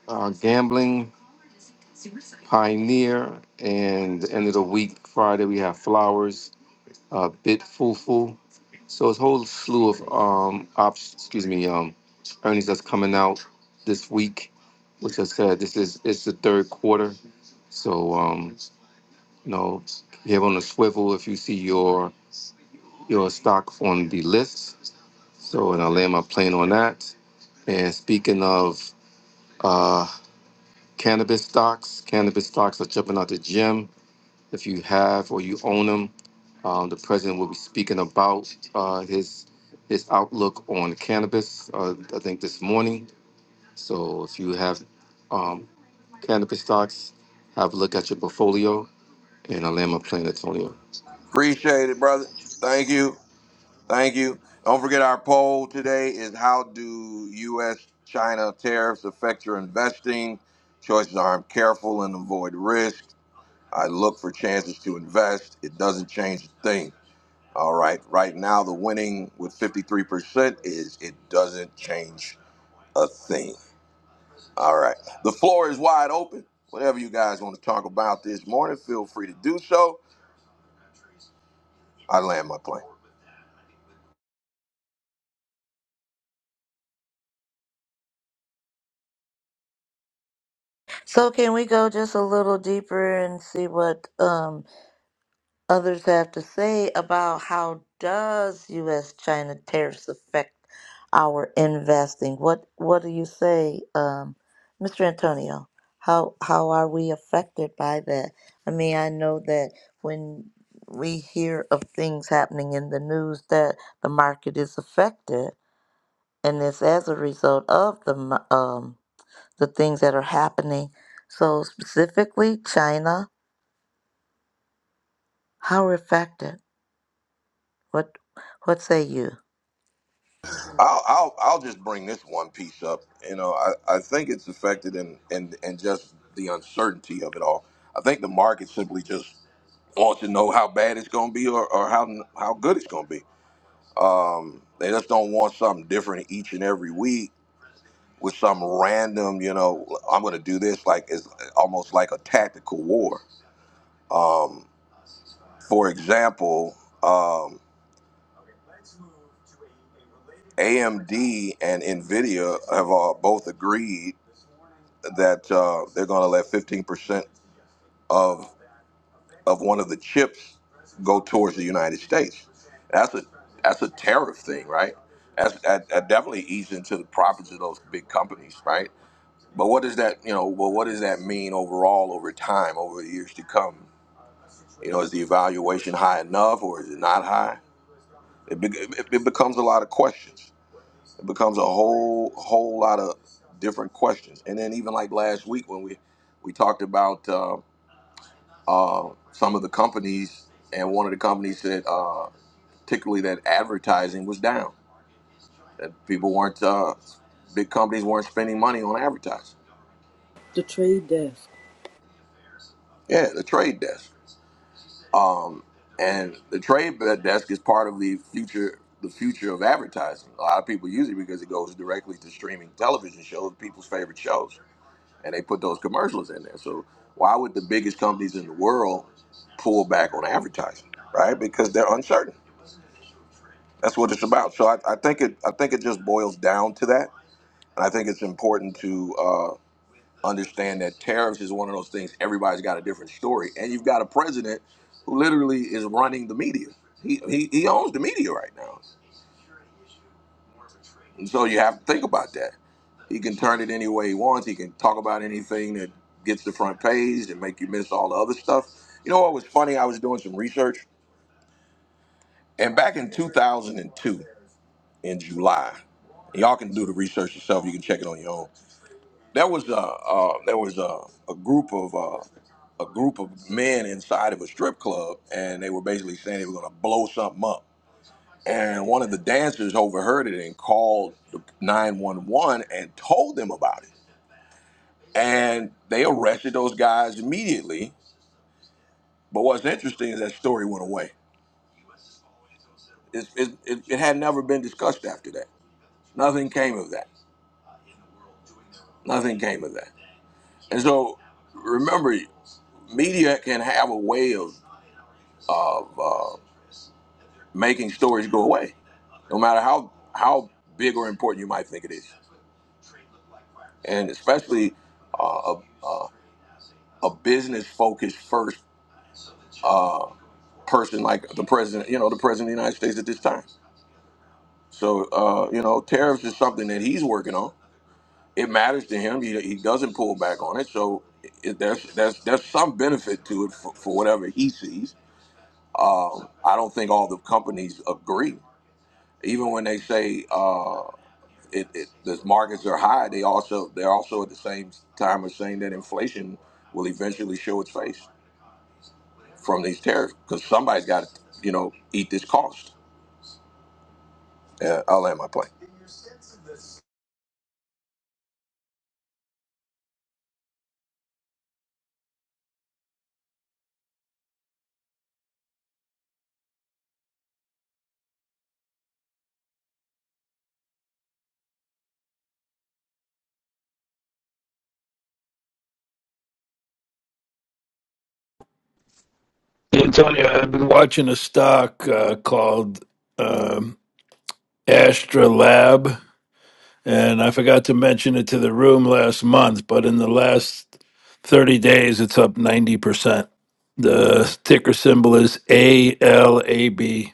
K: uh, Gambling, Pioneer, and the end of the week, Friday, we have Flowers, uh, Bit Fufu. So it's a whole slew of um, ops, excuse me, um, earnings that's coming out this week, which I said, this is it's the third quarter. So, um, you know, you have on the swivel if you see your your stock on the list. So, and I land my plane on that. And speaking of uh, cannabis stocks, cannabis stocks are jumping out the gym. If you have or you own them, um, the president will be speaking about uh, his his outlook on cannabis. Uh, I think this morning. So, if you have um, cannabis stocks, have a look at your portfolio. And I land my plane, Antonio.
A: Appreciate it, brother. Thank you. Thank you. Don't forget our poll today is how do U.S. China tariffs affect your investing? Choices are I'm careful and avoid risk. I look for chances to invest. It doesn't change a thing. All right. Right now, the winning with 53% is it doesn't change a thing. All right. The floor is wide open. Whatever you guys want to talk about this morning, feel free to do so. I land my plane.
B: So can we go just a little deeper and see what um others have to say about how does U.S. China tariffs affect our investing? What What do you say, um, Mr. Antonio? How How are we affected by that? I mean, I know that when we hear of things happening in the news that the market is affected, and it's as a result of the m- um, the things that are happening. So specifically, China, how are affected? What What say you?
A: I'll, I'll, I'll just bring this one piece up. You know, I, I think it's affected in, in, in just the uncertainty of it all. I think the market simply just wants to know how bad it's going to be or, or how, how good it's going to be Um, they just don't want something different each and every week with some random, you know, I'm going to do this like it's almost like a tactical war. Um, for example, um, AMD and Nvidia have uh, both agreed that uh, they're going to let 15% of of one of the chips go towards the United States. That's a that's a tariff thing, right? That's, that, that definitely eats into the profits of those big companies, right? But what does that, you know, well, what does that mean overall over time, over the years to come? You know, is the evaluation high enough or is it not high? It, be, it, it becomes a lot of questions. It becomes a whole whole lot of different questions. And then even like last week when we we talked about uh, uh, some of the companies, and one of the companies said uh, particularly that advertising was down, that people weren't uh, big companies weren't spending money on advertising.
C: The trade desk.
A: Yeah, the trade desk. Um, and the trade desk is part of the future the future of advertising. A lot of people use it because it goes directly to streaming television shows, people's favorite shows, and they put those commercials in there. So why would the biggest companies in the world pull back on advertising, right? Because they're uncertain. That's what it's about. So I, I think it I think it just boils down to that, and I think it's important to. uh, understand that tariffs is one of those things everybody's got a different story and you've got a president who literally is running the media he, he, he owns the media right now and so you have to think about that he can turn it any way he wants he can talk about anything that gets the front page and make you miss all the other stuff you know what was funny i was doing some research and back in 2002 in july y'all can do the research yourself you can check it on your own There was a uh there was a, a group of uh, a group of men inside of a strip club, and they were basically saying they were going to blow something up. And one of the dancers overheard it and called the 911 and told them about it. And they arrested those guys immediately. But what's interesting is that story went away. It's, it, it, it had never been discussed after that. Nothing came of that. Nothing came of that. And so remember, media can have a way of of uh, making storage go away, no matter how how big or important you might think it is, and especially uh, a, a, a business focused first uh, person like the president, you know, the president of the United States at this time. So uh, you know, tariffs is something that he's working on. It matters to him. He, he doesn't pull back on it. So it, there's there's there's some benefit to it for, for whatever he sees. Um, I don't think all the companies agree even when they say uh, it, it the markets are high, they also they're also at the same time as saying that inflation will eventually show its face from these tariffs because somebody's got to you know eat this cost. Uh, I'll land my plane
L: Antonio, I've been watching a stock uh, called um, Astra Lab, and I forgot to mention it to the room last month, but in the last 30 days, it's up 90%. The ticker symbol is ALAB.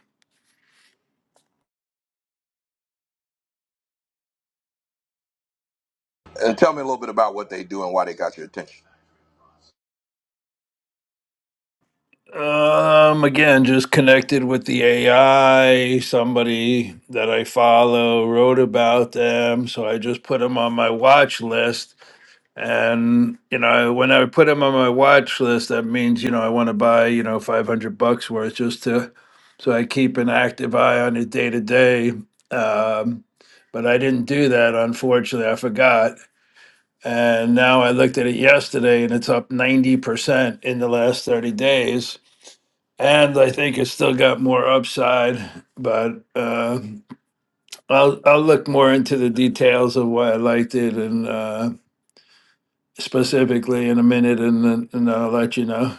A: and tell me a little bit about what they do and why they got your attention.
L: Um, again, just connected with the AI. Somebody that I follow wrote about them, so I just put them on my watch list And, you know, when I put them on my watch list, that means, you know, I want to buy, you know, 500 bucks worth just to, so I keep an active eye on it day to day. Um, but I didn't do that, unfortunately. I forgot. And now I looked at it yesterday and it's up 90% in the last 30 days. And I think it's still got more upside, but uh, I'll I'll look more into the details of why I liked it and uh, specifically in a minute and, then- and I'll let you know.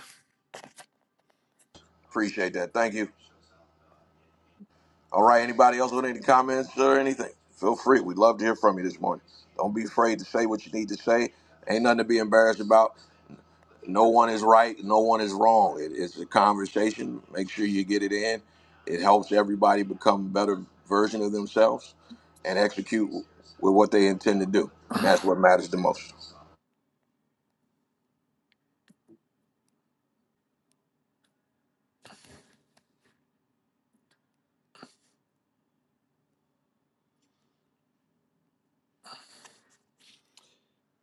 A: Appreciate that. Thank you. All right. Anybody else with any comments or anything? Feel free. We'd love to hear from you this morning. Don't be afraid to say what you need to say. Ain't nothing to be embarrassed about. no one is right, no one is wrong. It, it's a conversation. Make sure you get it in. It helps everybody become a better version of themselves and execute with what they intend to do. And that's what matters the most.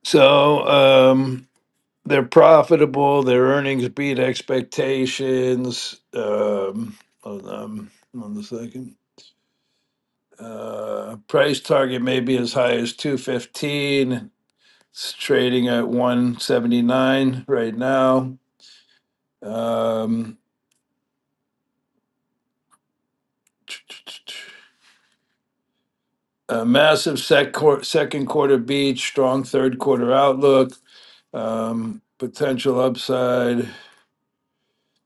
L: So um, they're profitable, their earnings beat expectations. Um, hold on, hold second. Uh, price target may be as high as 215. It's trading at 179 right now. Um, *tsk* a massive sec- quar- second quarter beat, strong third quarter outlook, um, potential upside.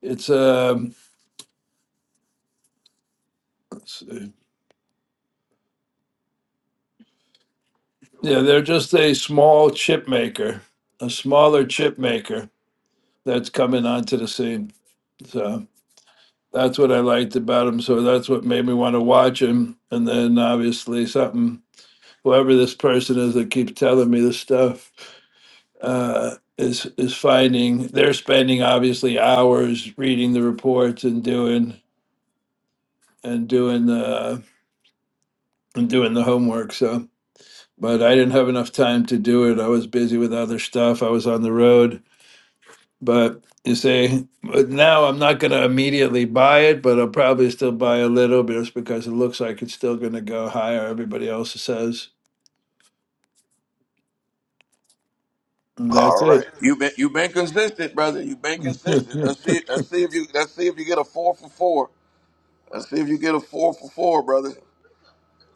L: It's a yeah, they're just a small chip maker, a smaller chip maker that's coming onto the scene. So that's what I liked about him. So that's what made me want to watch him. And then obviously something whoever this person is that keeps telling me this stuff uh, is is finding they're spending obviously hours reading the reports and doing and doing the and doing the homework. So but I didn't have enough time to do it. I was busy with other stuff. I was on the road. But you say, but now I'm not going to immediately buy it, but I'll probably still buy a little bit just because it looks like it's still going to go higher. Everybody else says, and that's
A: All
L: it.
A: right. You've been you've been consistent, brother. You've been consistent. Let's
L: *laughs*
A: see let's see if you let's see if you get a four for four. Let's see if you get a four for four, brother.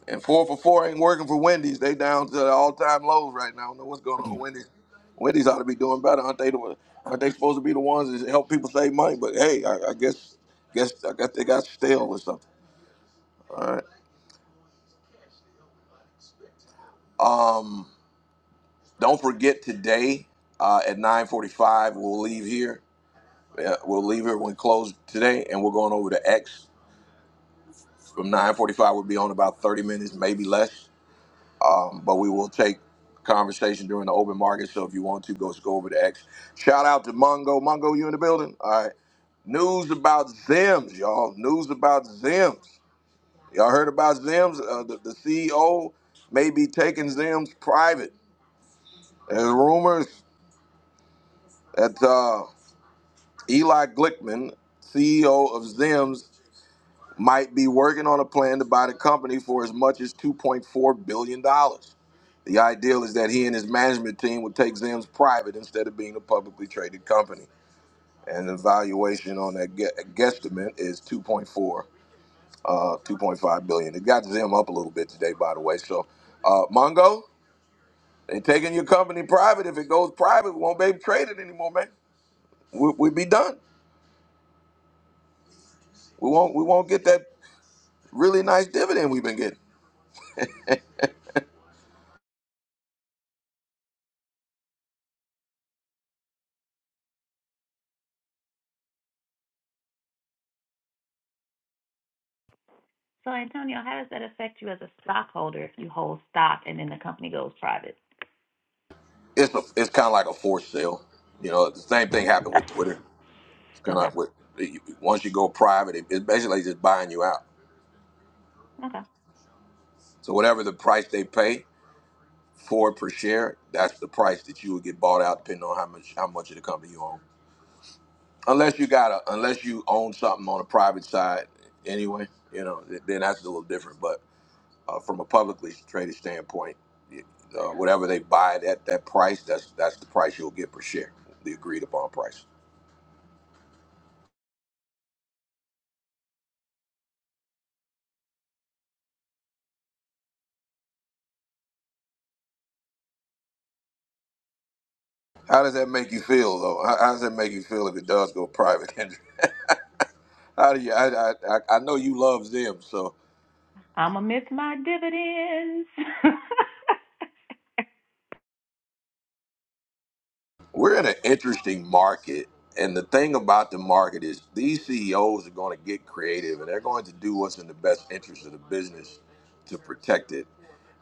A: And four for four ain't working for Wendy's. They down to the all time lows right now. I don't know what's going on with Wendy's. Wendy's ought to be doing better, aren't they? The, aren't they supposed to be the ones that help people save money? But hey, I, I guess guess I guess they got stale or something. All right. Um, don't forget today uh, at nine forty five we'll leave here. Yeah, we'll leave here when we close today, and we're going over to X from nine forty five. We'll be on about thirty minutes, maybe less. but we will take conversation during the open market. So if you want to, go go over to X. Shout out to Mungo. Mungo, you in the building? All right. News about Zims, y'all. News about Zims. Y'all heard about Zims? Uh, the, the CEO may be taking Zims private. There's rumors that uh, Eli Glickman, CEO of Zims, might be working on a plan to buy the company for as much as $2.4 billion. dollars. The ideal is that he and his management team would take Zim's private instead of being a publicly traded company. And the valuation on that gu- guesstimate is 2.4, uh, 2.5 billion. It got Zim up a little bit today, by the way. So, uh, Mongo, they're taking your company private. If it goes private, we won't be able to trade it anymore, man. We, we'd be done. We won't. We won't get that really nice dividend we've been getting.
M: So, Antonio, how does that affect you as a stockholder if you hold stock and then the company goes private?
A: it's a, it's kind of like a forced sale. You know, the same thing happened with Twitter. It's kind of
M: Okay.
A: like with once you go private, it, it's basically just buying you out.
M: Okay.
A: So whatever the price they pay for per share, that's the price that you would get bought out, depending on how much how much of the company you own. Unless you got a unless you own something on a private side anyway, you know, th- then that's a little different. But uh, from a publicly traded standpoint, y- uh, whatever they buy it at that price, that's that's the price you'll get per share, the agreed upon price. How does that make you feel, though? How, how does that make you feel if it does go private? *laughs* how do you? I, I I I know you love them, so
M: I'm going to miss my dividends. *laughs*
A: we're in an interesting market. And the thing about the market is these CEOs are going to get creative, and they're going to do what's in the best interest of the business to protect it.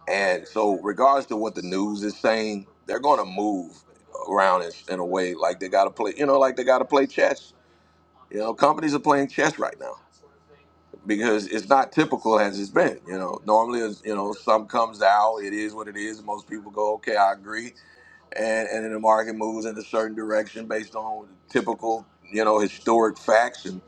A: And so, regards to what the news is saying, they're going to move around in, in a way like they got to play. You know, like they got to play chess. You know, companies are playing chess right now. because it's not typical as it's been. You know, normally, it's, you know, some comes out. It is what it is. Most people go, okay, I agree, and and then the market moves in a certain direction based on typical, you know, historic facts, and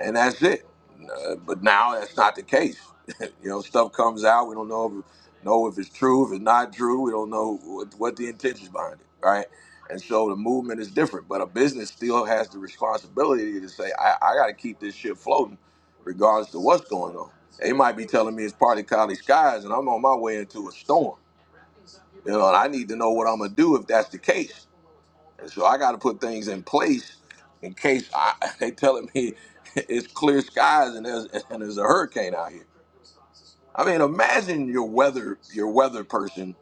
A: and that's it. Uh, but now that's not the case. *laughs* you know, stuff comes out. We don't know if, know if it's true, if it's not true. We don't know what, what the intentions behind it, right? And so the movement is different, but a business still has the responsibility to say, I, I got to keep this shit floating, regardless to what's going on. They might be telling me it's partly cloudy skies, and I'm on my way into a storm. You know, and I need to know what I'm gonna do if that's the case. And so I got to put things in place in case I, *laughs* they telling me *laughs* it's clear skies and there's *laughs* and there's a hurricane out here. I mean, imagine your weather your weather person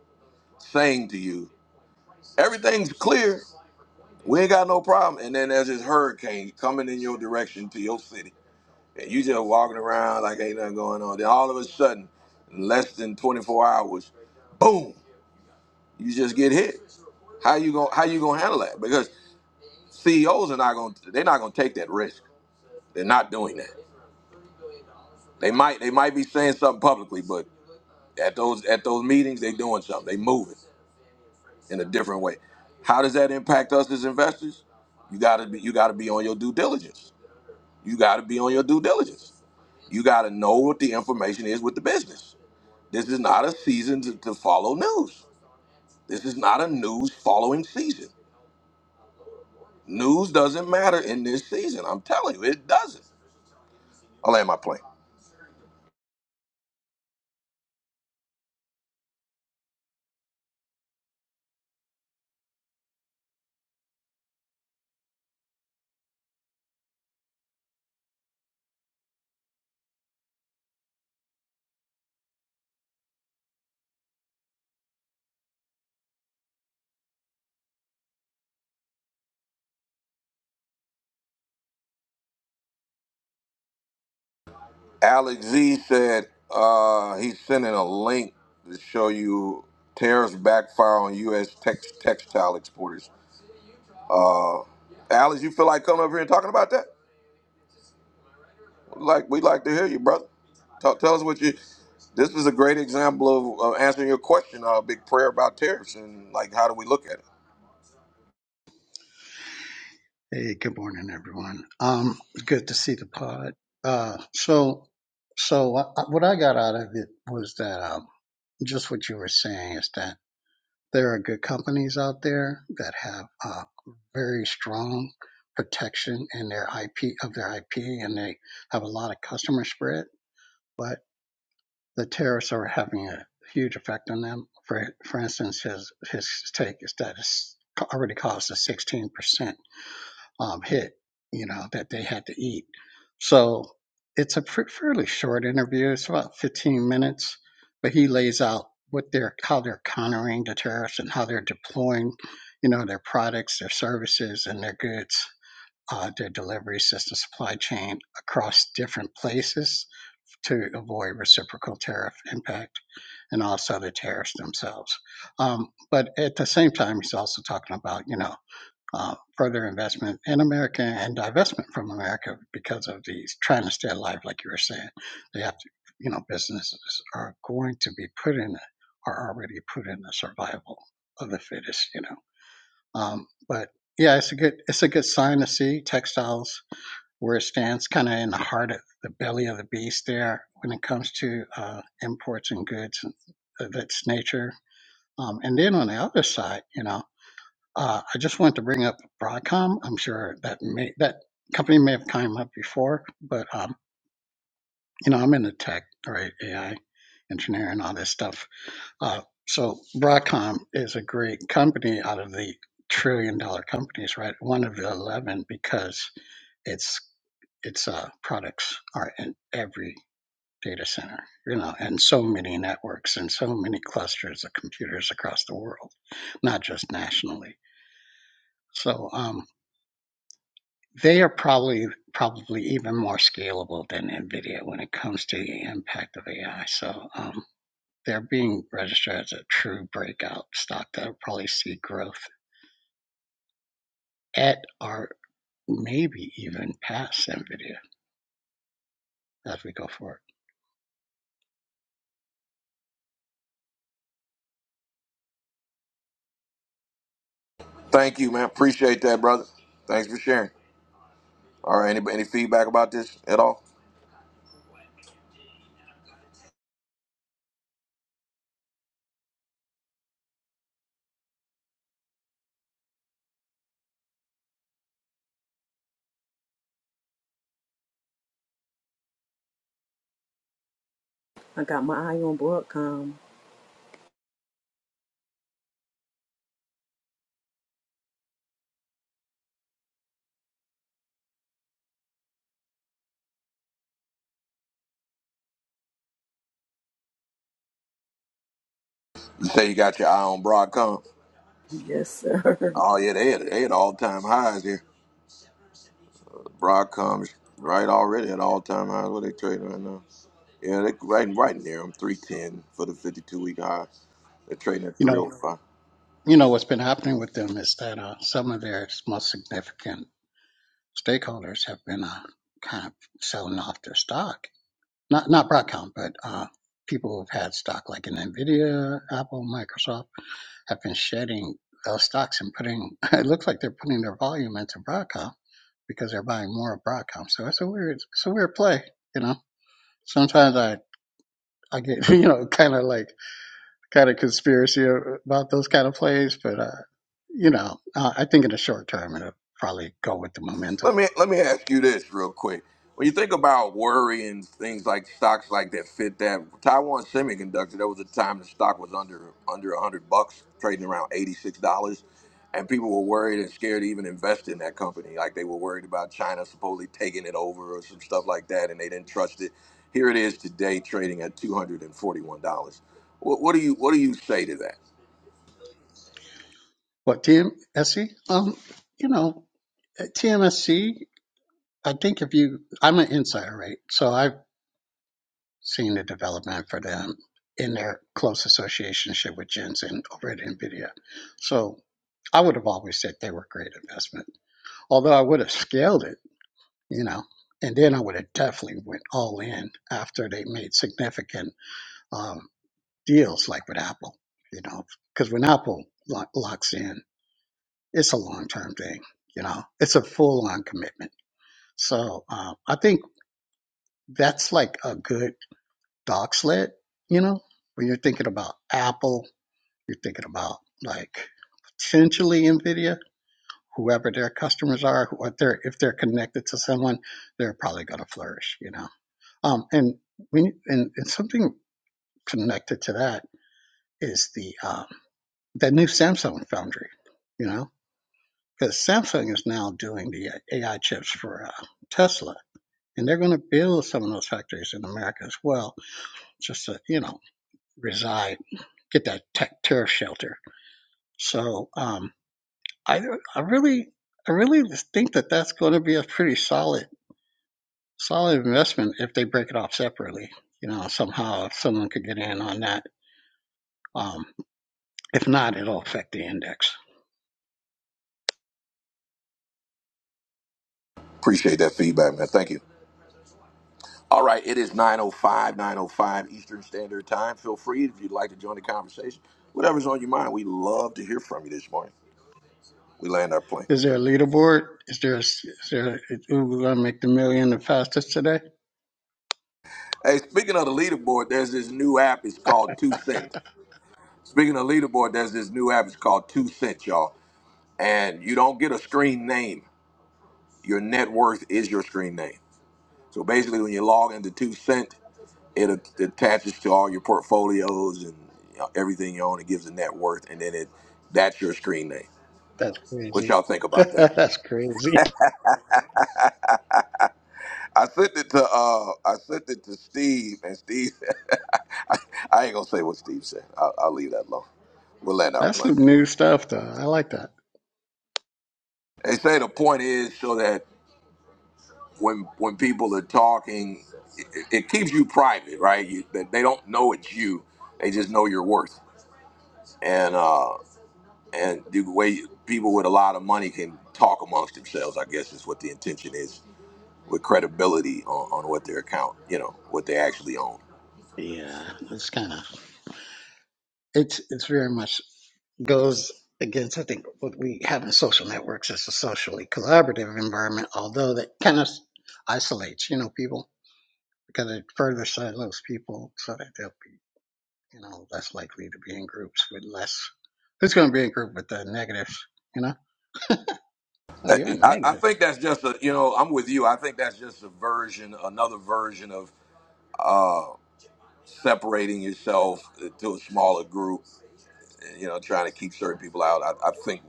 A: saying to you, "Everything's clear, we ain't got no problem," and then there's this hurricane coming in your direction to your city, and you just walking around like ain't nothing going on. Then all of a sudden, in less than 24 hours, boom, you just get hit. How you gonna how you gonna handle that? Because CEOs are not gonna they're not gonna take that risk They're not doing that. They might they might be saying something publicly, but at those at those meetings they're doing something. They moving in a different way. How does that impact us as investors? You gotta be you gotta be on your due diligence. You gotta be on your due diligence. You gotta know what the information is with the business. This is not a season to, to follow news. This is not a news following season. News doesn't matter in this season. I'm telling you, it doesn't. I'll land my plane. Alex Z said uh, he's sending a link to show you tariffs backfire on U.S. Tex- textile exporters. Uh, Alex, you feel like coming over here and talking about that? Like we'd like to hear you, brother. Tell, tell us what you. This is a great example of, of answering your question. A big prayer about tariffs and like how do we look at it?
N: Hey, good morning, everyone. Um, good to see the pod. Uh, so, so I, I- what I got out of it was that um, just what you were saying is that there are good companies out there that have uh, very strong protection in their IP of their IP, and they have a lot of customer spread. But the tariffs are having a huge effect on them. For for instance, his his take is that it's already cost a 16% um, hit, you know, that they had to eat. So it's a pr- fairly short interview. It's about 15 minutes, but he lays out what they're, how they're countering the tariffs and how they're deploying, you know, their products, their services, and their goods, uh, their delivery system, supply chain across different places to avoid reciprocal tariff impact and also the tariffs themselves. Um, but at the same time, he's also talking about, you know, uh, further investment in America and divestment from America because of these trying to stay alive, like you were saying. They have to, you know, businesses are going to be put in, are already put in the survival of the fittest, you know. Um, but yeah, it's a good, it's a good sign to see textiles where it stands, kind of in the heart of the belly of the beast there when it comes to uh, imports and goods of its nature. Um, and then on the other side, you know, uh, I just want to bring up Broadcom. I'm sure that may, that company may have come up before, but um, you know, I'm into tech, right? AI engineering, all this stuff. Uh, so Broadcom is a great company out of the trillion dollar companies, right? One of the eleven because its its uh, products are in every data center, you know, and so many networks and so many clusters of computers across the world, not just nationally. So, um, they are probably probably even more scalable than NVIDIA when it comes to the impact of AI. So um, they're being registered as a true breakout stock that'll probably see growth at or maybe even past NVIDIA as we go forward.
A: Thank you, man. Appreciate that, brother. Thanks for sharing. All right, any any feedback about this at all?
C: I got my eye on Broadcom.
A: You say you got your eye on Broadcom.
C: Yes, sir. *laughs*
A: Oh yeah, they had, they had all time highs here. Broadcom's right already at all time highs. What are they trading right now? Yeah, they right right near them, three ten for the fifty two week high. They're trading at
N: You
A: three oh
N: know,
A: five.
N: you know what's been happening with them is that uh, some of their most significant stakeholders have been uh, kind of selling off their stock. Not not Broadcom, but uh, people who've had stock like in NVIDIA, Apple, Microsoft have been shedding those stocks and putting *laughs* it looks like they're putting their volume into Broadcom because they're buying more of Broadcom. So it's a weird it's a weird play, you know. Sometimes I I get *laughs* you know kind of like kind of conspiracy about those kind of plays, but uh, you know uh, I think in the short term it'll probably go with the momentum.
A: Let me let me ask you this real quick. When you think about worry and things like stocks like that fit that Taiwan Semiconductor, there was a time the stock was under under hundred bucks, trading around eighty six dollars, and people were worried and scared to even invest in that company. Like they were worried about China supposedly taking it over or some stuff like that, and they didn't trust it. Here it is today, trading at two hundred and forty one dollars. What, what do you what do you say to that?
N: What TMSC? Um, you know at TMSC. I think if you I'm an insider, right? So I have seeing the development for them in their close associationship with Jensen over at NVIDIA. So I would have always said they were a great investment, although I would have scaled it, you know, and then I would have definitely went all in after they made significant um, deals like with Apple, you know, because when Apple lo- locks in, it's a long-term thing, you know, it's a full-on commitment. So um, I think that's like a good dog sled, you know, when you're thinking about Apple You're thinking about like potentially NVIDIA, whoever their customers are, who- what they're if they're connected to someone, they're probably going to flourish, you know. Um, and we and, and something connected to that is the um, that new Samsung foundry, you know, because Samsung is now doing the AI chips for uh, Tesla, and they're going to build some of those factories in America as well, just to you know reside, get that tech tariff shelter. So. Um, I I really I really think that that's going to be a pretty solid solid investment if they break it off separately. You know, somehow someone could get in on that. Um, if not, it'll affect the index.
A: Appreciate that feedback, man. Thank you. All right, it is nine oh five, nine oh five Eastern Standard Time. Feel free if you'd like to join the conversation. Whatever's on your mind, we love to hear from you this morning. We land our plane.
N: Is there a leaderboard? Is there a, s- is there a, who's going to make the million the fastest today?
A: Hey, speaking of the leaderboard, there's this new app. It's called Two Cent. Speaking of leaderboard, there's this new app. It's called Two Cent, y'all. And you don't get a screen name. Your net worth is your screen name. So basically, when you log into Two Cent, it a- attaches to all your portfolios and you know, everything you own. It gives a net worth, and then it that's your screen name.
N: That's
A: What
N: crazy.
A: y'all think
N: *laughs*
A: about that?
N: that's crazy.
A: I sent it to uh, I sent it to Steve, and Steve, *laughs* I, I ain't gonna say what Steve said. I'll, I'll leave that alone. We'll land our
N: That's
A: plane.
N: some new stuff, though. I like that.
A: They say the point is so that when when people are talking, it, it it keeps you private, right? You, that they don't know it's you; they just know your worth. And uh, and the way you- people with a lot of money can talk amongst themselves, I guess, is what the intention is with credibility on, on what their account, you know, what they actually own.
N: Yeah, it's kind of It's it's very much goes against I think what we have in social networks as a socially collaborative environment, although that kind of isolates, you know, people because it further silos people so that they'll be, you know, less likely to be in groups with less who's gonna be in group with the negatives, you know? *laughs* Oh you're a
A: I, I
N: negative.
A: think that's just a you know I'm with you. I think that's just a version, another version of separating yourself uh, to a smaller group. You know, trying to keep certain people out. I, I think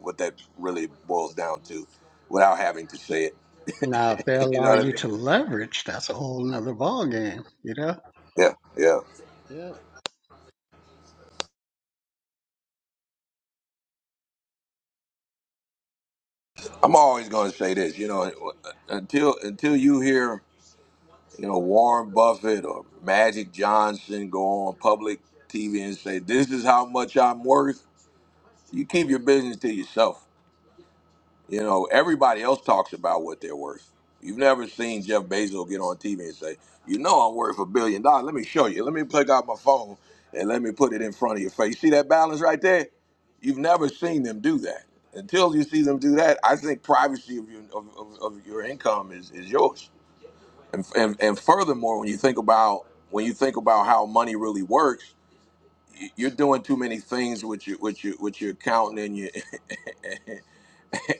A: what that really boils down to, without having to say it.
N: Now if they
A: *laughs* you know
N: allow
A: what I
N: you to
A: mean?
N: leverage, that's a whole nother ball game, you know?
A: Yeah, yeah.
N: Yeah.
A: I'm always going to say this. You know, until until you hear you know Warren Buffett or Magic Johnson go on public TV and say this is how much I'm worth, you keep your business to yourself You know, everybody else talks about what they're worth. You've never seen Jeff Bezos get on TV and say, "You know, I'm worth a billion dollars. Let me show you. Let me plug out my phone and let me put it in front of your face. See that balance right there? You've never seen them do that. Until you see them do that, I think privacy of your of, of, of your income is, is yours. And, and and furthermore, when you think about when you think about how money really works, y- you're doing too many things with your with your with your accountant and your *laughs*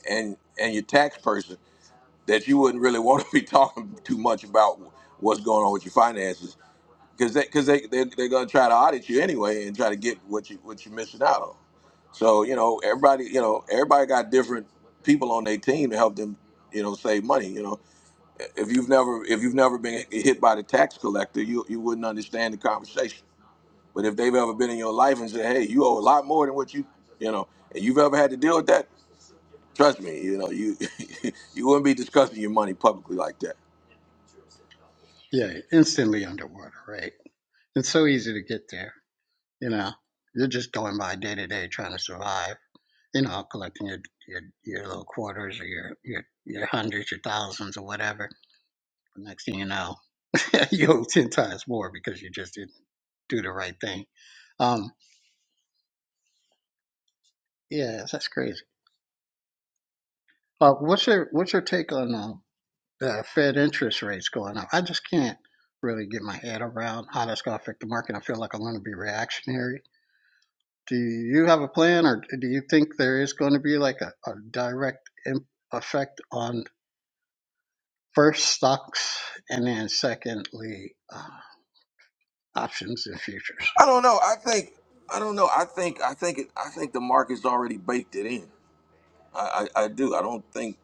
A: and and your tax person that you wouldn't really want to be talking too much about what's going on with your finances because they, cause they, they, they're going to try to audit you anyway and try to get what, you, what you're missing out on. So, you know, everybody, you know, everybody got different people on their team to help them, you know, save money. You know, if you've never if you've never been hit by the tax collector, you, you wouldn't understand the conversation. But if they've ever been in your life and said, hey, you owe a lot more than what you, you know, and you've ever had to deal with that, trust me, you know, you *laughs* you wouldn't be discussing your money publicly like that.
N: Yeah, instantly underwater, right? It's so easy to get there. You know, you're just going by day to day trying to survive. You know, collecting your your, your little quarters or your, your your hundreds, your thousands, or whatever. The next thing you know, *laughs* you owe ten times more because you just didn't do the right thing. Um, yeah, that's crazy. Uh, what's your what's your take on um, the Fed interest rates going up? I just can't really get my head around how that's going to affect the market. I feel like I'm going to be reactionary Do you have a plan, or do you think there is going to be like a, a direct im- effect on first stocks and then secondly uh, options and futures?
A: I don't know. I think I don't know. I think I think it, I think the market's already baked it in. I, I, I do. I don't think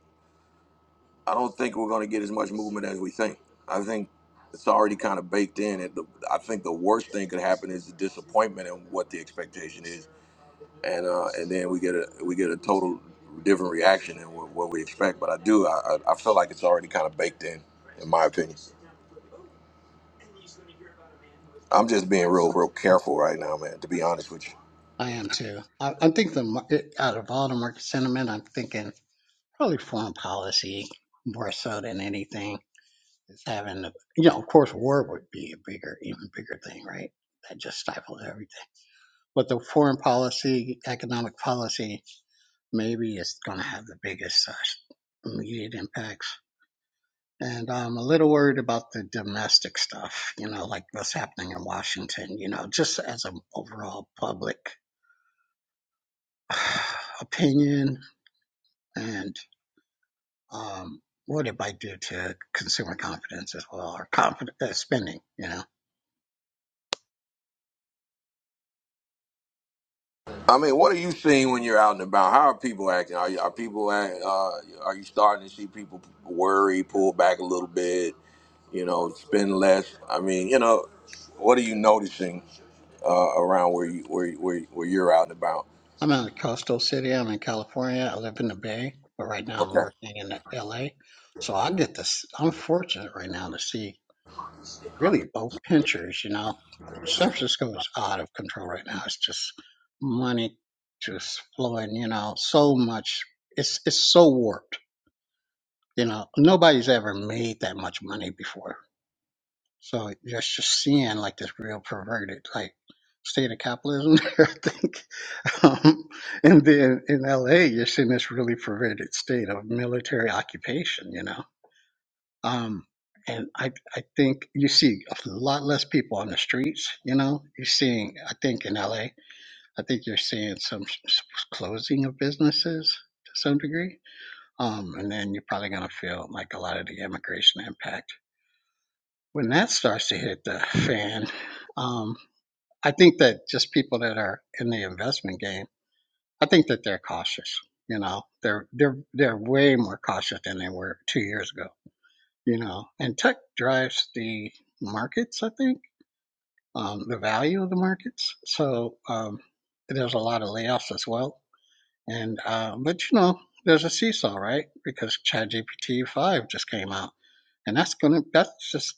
A: I don't think we're going to get as much movement as we think. I think it's already kind of baked in. And the, I think the worst thing could happen is the disappointment and what the expectation is, and uh, and then we get a we get a total different reaction than what, what we expect. But I do. I, I I feel like it's already kind of baked in, in my opinion. I'm just being real real careful right now, man. To be honest with you.
N: I am too. I, I'm the mar- it- out of all the market sentiment, I'm thinking probably foreign policy more so than anything is having the you know of course war would be a bigger even bigger thing right that just stifles everything but the foreign policy economic policy maybe it's going to have the biggest uh, immediate impacts. And I'm a little worried about the domestic stuff, you know, like what's happening in Washington, you know, just as an overall public *sighs* opinion. And um, what it might do to consumer confidence as well, or confidence uh, spending, you know.
A: I mean, what are you seeing when you're out and about? How are people acting? Are, you, are people act, uh, are you starting to see people worry, pull back a little bit, you know, spend less? I mean, you know, what are you noticing uh, around where you where you- where, you- where you're out and about?
N: I'm in a coastal city. I'm in California. I live in the Bay, but right now I'm
A: Okay,
N: working in LA. So I get this. I'm fortunate right now to see really both pinchers, you know. San Francisco is out of control right now. It's just money just flowing, you know, so much. It's it's so warped, you know. Nobody's ever made that much money before. So just just seeing like this real perverted like state of capitalism *laughs* there, I think. Um, and then in LA, you're seeing this really perverted state of military occupation, you know um, and I, I think you see a lot less people on the streets. You know, you're seeing, I think in LA, I think you're seeing some s- s- closing of businesses to some degree. Um, and then you're probably going to feel like a lot of the immigration impact. When that starts to hit the fan, um, I think that just people that are in the investment game, I think that they're cautious. You know, they're they're they're way more cautious than they were two years ago you know, and tech drives the markets, I think, um, the value of the markets. So um, there's a lot of layoffs as well. And uh, but you know, there's a seesaw, right? Because ChatGPT five just came out, and that's gonna that's just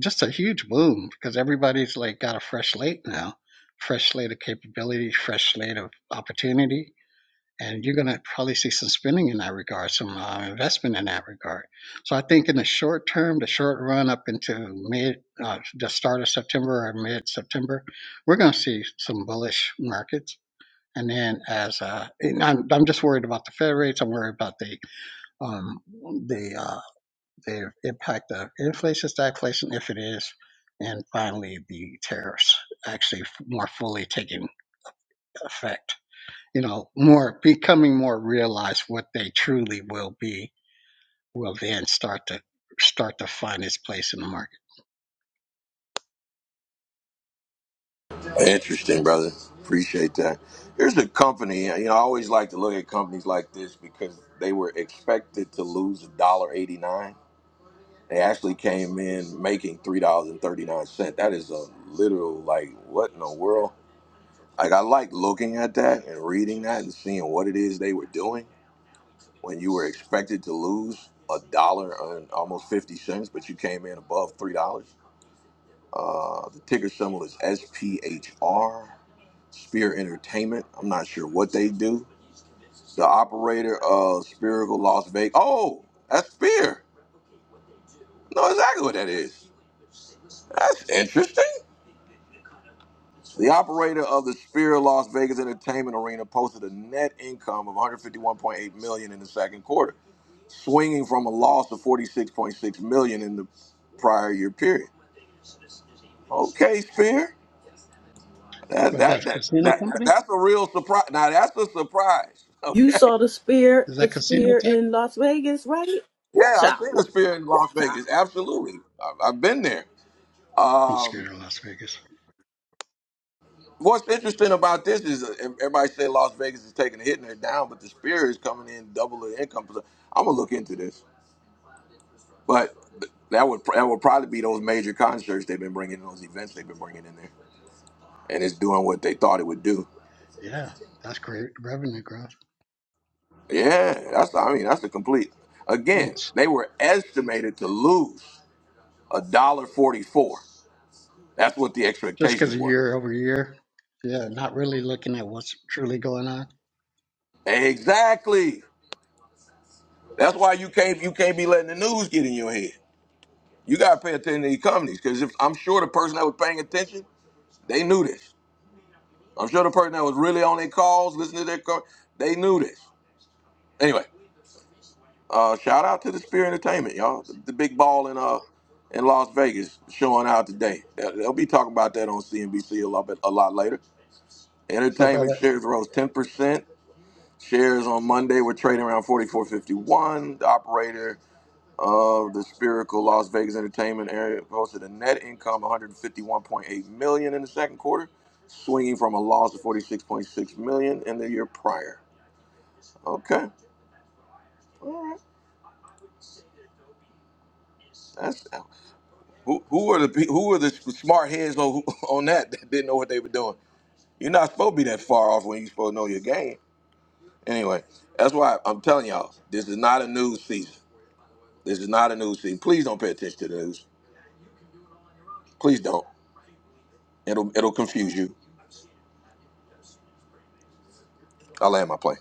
N: just a huge boom because everybody's like got a fresh slate now, fresh slate of capability, fresh slate of opportunity and you're going to probably see some spending in that regard, some uh, investment in that regard. So I think in the short term, the short run up into mid, uh, the start of September or mid September, we're going to see some bullish markets. And then as uh, and I'm, I'm just worried about the Fed rates. I'm worried about the um, the uh, the impact of inflation, stagflation, if it is, and finally the tariffs actually more fully taking effect you know, more becoming more realized what they truly will be will then start to start to find its place in the market.
A: interesting, brother. Appreciate that. Here's a company. You know, I always like to look at companies like this because they were expected to lose a dollar eighty nine. They actually came in making three dollars and thirty nine cent. That is a literal like what in the world? Like I like looking at that and reading that and seeing what it is they were doing when you were expected to lose a dollar and almost fifty cents, but you came in above three dollars. Uh, the ticker symbol is SPHR. Spear Entertainment. I'm not sure what they do. The operator of Spherical Las Vegas. Oh, that's Spear. No, exactly what that is. That's interesting. The operator of the Sphere Las Vegas Entertainment Arena posted a net income of 151.8 million dollars in the second quarter, swinging from a loss of 46.6 million dollars in the prior year period. Okay, Sphere, that
N: Was that
A: that that,
N: casino
A: that, that
N: company?
A: that's a real surprise. Now that's a surprise. *laughs*
C: You
A: Okay,
C: saw the spear,
N: Is
C: the
N: that casino
C: spear
N: tech?
C: in Las Vegas, right?
A: yeah, I've
C: Woocha,
A: seen the Sphere in Las
C: woocha,
A: Vegas. Absolutely, I've, I've been there.
N: I'm scared
A: Um,
N: of Las Vegas.
A: what's interesting about this is uh, everybody say Las Vegas is taking a hit and they're down, but the Sphere is coming in double the income. I'm gonna look into this. But that would that would probably be those major concerts they've been bringing, those events they've been bringing in there, and it's doing what they thought it would do.
N: Yeah, that's great revenue growth.
A: Yeah, that's I mean that's a complete. Again,
N: Thanks.
A: they were estimated to lose a dollar forty four. That's what the
N: Just because
A: expectations
N: of
A: were.
N: year over year. Yeah, not really looking at what's truly going on.
A: Exactly. That's why you can't you can't be letting the news get in your head. You gotta pay attention to these companies because if I'm sure the person that was paying attention, they knew this. I'm sure the person that was really on their calls, listening to their calls, they knew this. Anyway, Uh, shout out to the Spirit Entertainment, y'all. The, big ball in uh in Las Vegas showing out today. They'll, they'll be talking about that on CNBC a lot bit, a lot later.
N: So,
A: Entertainment
N: brother.
A: shares rose ten percent. Shares on Monday were trading around forty four fifty one. The operator of the Spherical Las Vegas Entertainment area posted a net income one hundred fifty one point eight million in the second quarter, swinging from a loss of forty six point six million in the year prior. Okay, all right. That's Who who are the pe- who are the smart heads on *laughs* on that that didn't know what they were doing? You're not supposed to be that far off when you're supposed to know your game. Anyway, that's why I'm telling y'all this is not a news season. This is not a news season. Please don't pay attention to the news. Please don't. It'll it'll confuse you. I'll land my plane.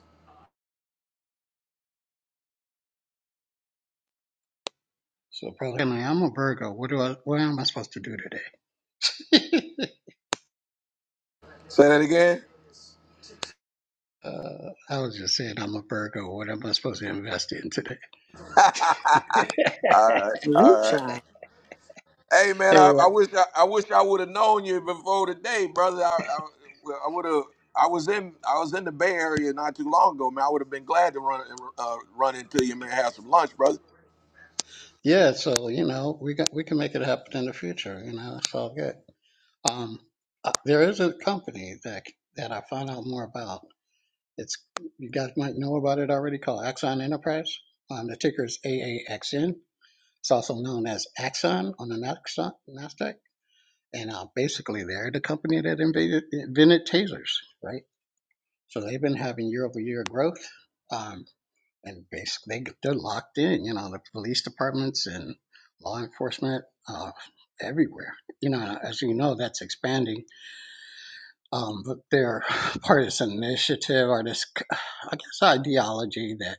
N: So, brother. Henry, I'm a Virgo. What do I? What am I supposed to do today? *laughs*
A: Say that again.
N: Uh, I was just saying I'm a Virgo. What am I supposed to invest in today?
A: *laughs* all
N: *laughs*
A: right, all right.
C: woocha,
A: Hey man,
N: Hey,
A: I, I
N: uh,
A: wish I, I wish I would have known you before today, brother. I, I, well, I would have. I was in I was in the Bay Area not too long ago, man. I would have been glad to run uh, run into you, man. Have some lunch, brother.
N: yeah. So you know, we got we can make it happen in the future. You know, it's all good. Um, uh, there is a company that that I found out more about. It's you guys might know about it already. Called Axon Enterprise. Um, the ticker is AAXN. It's also known as Axon on the Naxo- Nasdaq. And uh, basically, they're the company that invented, invented tasers, right? So they've been having year over year growth. Um. and basically they're locked in. You know, the police departments and law enforcement uh, everywhere. You know, as you know, that's expanding. Um, but they're *laughs* part of this initiative or this, I guess, ideology that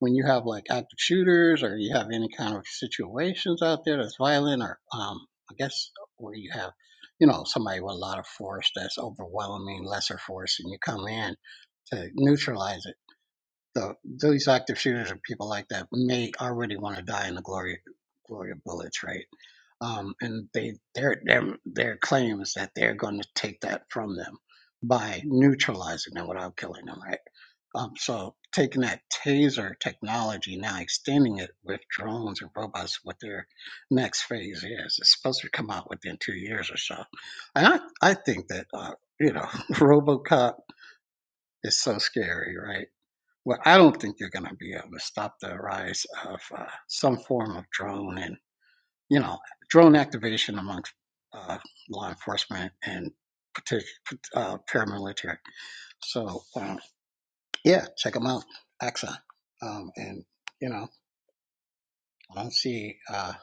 N: when you have like active shooters or you have any kind of situations out there that's violent or, um, I guess, where you have, you know, somebody with a lot of force that's overwhelming, lesser force, and you come in to neutralize it so these active shooters and people like that may already want to die in the glory glory of bullets, right? Um, and they their their their claim is that they're going to take that from them by neutralizing them without killing them, right? Um, so taking that taser technology now, extending it with drones and robots, what their next phase is, it's supposed to come out within two years or so. And I I think that uh, you know *laughs* RoboCop is so scary, right? Well, I don't think you're going to be able to stop the rise of uh, some form of drone and, you know, drone activation amongst uh, law enforcement and partic- uh, paramilitary. So, um, yeah, check them out, Axon. Um, and, you know, I don't see, uh,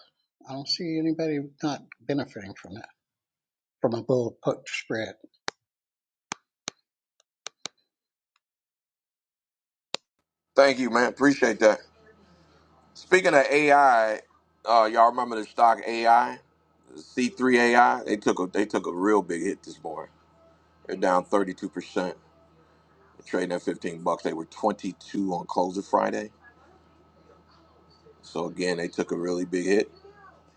N: I don't see anybody not benefiting from that, from a bull put spread.
A: Thank you, man. Appreciate that. Speaking of AI, uh, y'all remember the stock AI, C three AI? They took a they took a real big hit this morning. They're down thirty two percent, trading at fifteen bucks. They were twenty two on close of Friday. So again, they took a really big hit.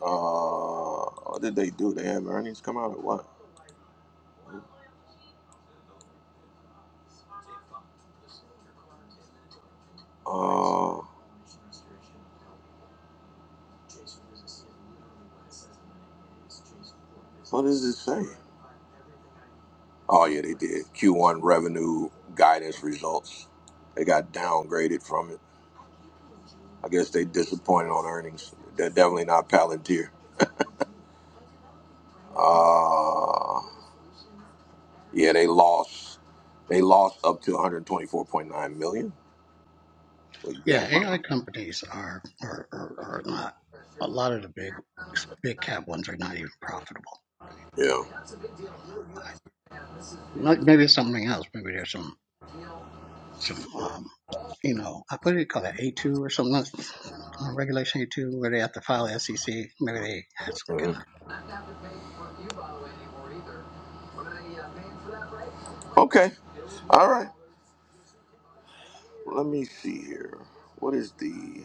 A: Uh, what did they do? They have earnings come out or what? Uh, what does it say? Oh yeah, they did. Q1 revenue guidance results. They got downgraded from it. I guess they disappointed on earnings. They're definitely not Palantir. Uh, yeah, they lost. They lost up to 124.9 million. Well, yeah,
N: Yeah, AI companies are, are, are, are not, a lot of the big, big cap ones are not even profitable.
A: yeah.
N: I don't know why. Like maybe it's something else. Maybe there's some some um, you know, I what do you call that A two or something? That's- uh, Regulation A two, where they have to file SEC. Maybe they had some kind.
A: Mhm. Okay. All right. Let me see here. What is the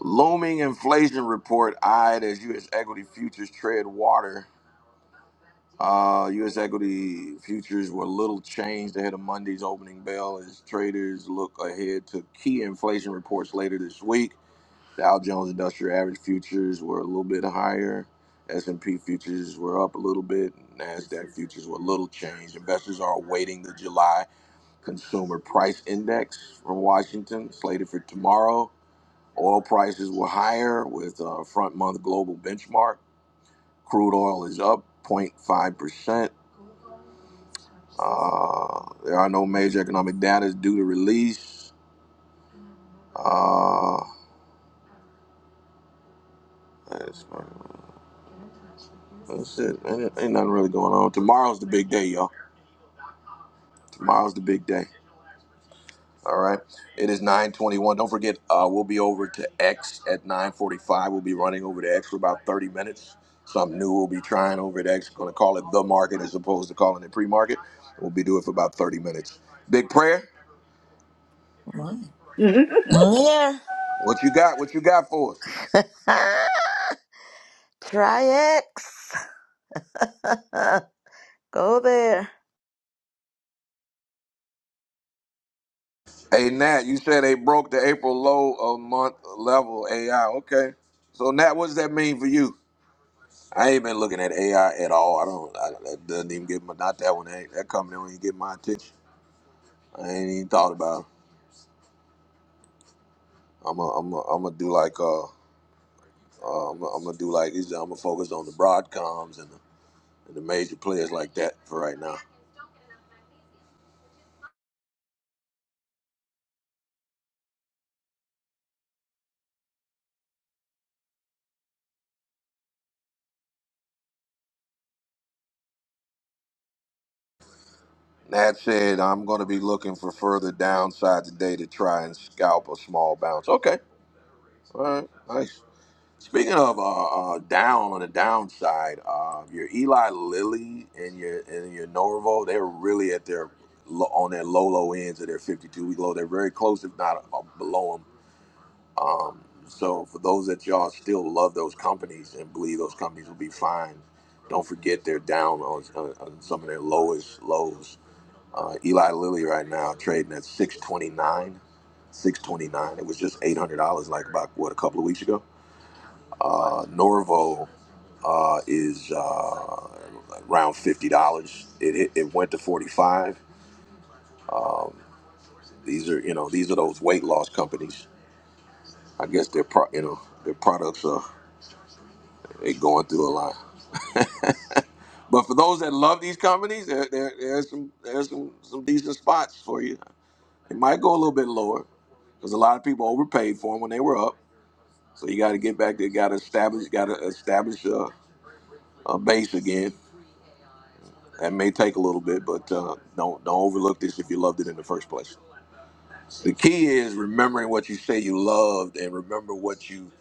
A: looming inflation report eyed as U.S. equity futures trade water? Uh, U.S. equity futures were little changed ahead of Monday's opening bell as traders look ahead to key inflation reports later this week. Dow Jones Industrial Average futures were a little bit higher. S&P futures were up a little bit. Nasdaq futures were little changed. Investors are awaiting the July Consumer Price Index from Washington slated for tomorrow. Oil prices were higher with uh, front month global benchmark. Crude oil is up 0.5%. Uh, there are no major economic data due to release. Uh, that's, that's it. Ain't, ain't nothing really going on. Tomorrow's the big day, y'all. Tomorrow's the big day. All right. It is 921. Don't forget, uh, we'll be over to X at 945. We'll be running over to X for about 30 minutes. Something new we'll be trying over at X. Going to call it the market as opposed to calling it pre-market. We'll be doing it for about 30 minutes. Big prayer.
B: Wow.
C: woocha.
B: There.
A: What you got? What you got for us?
B: Ah, try X. *laughs* Go there.
A: Hey, Nat, you said they broke the April low of month level AI. Okay. So, Nat, what does that mean for you? I ain't been looking at AI at all. I don't, I, that doesn't even get my, not that one. That that company don't even get my attention. I ain't even thought about it. I'm a, I'm a, I'm gonna do like uh, uh I'm a, I'm gonna do like these. I'm gonna focus on the Broadcoms and the, and the major players like that for right now. That said, I'm gonna be looking for further downside today to try and scalp a small bounce. Okay, all right, nice. Speaking of uh, uh down on the downside, uh, your Eli Lilly and your and your Norvo, they're really at their lo- on their low low ends of their 52 week low. They're very close, if not uh, below them. Um, so for those that y'all still love those companies and believe those companies will be fine, don't forget they're down on, on, on some of their lowest lows. Uh, Eli Lilly right now trading at 629, 629. It was just $800 like about what a couple of weeks ago. Uh, Norvo uh, is uh, around fifty dollars. It, it it went to forty five. Um, these are you know these are those weight loss companies. I guess their pro you know their products are. they going through a lot. But for those that love these companies, there, there there's some there's some some decent spots for you. It might go a little bit lower because a lot of people overpaid for them when they were up. So you got to get back there, got to establish, got to establish a, a base again. That may take a little bit, but uh, don't don't overlook this if you loved it in the first place. The key is remembering what you say you loved and remember what you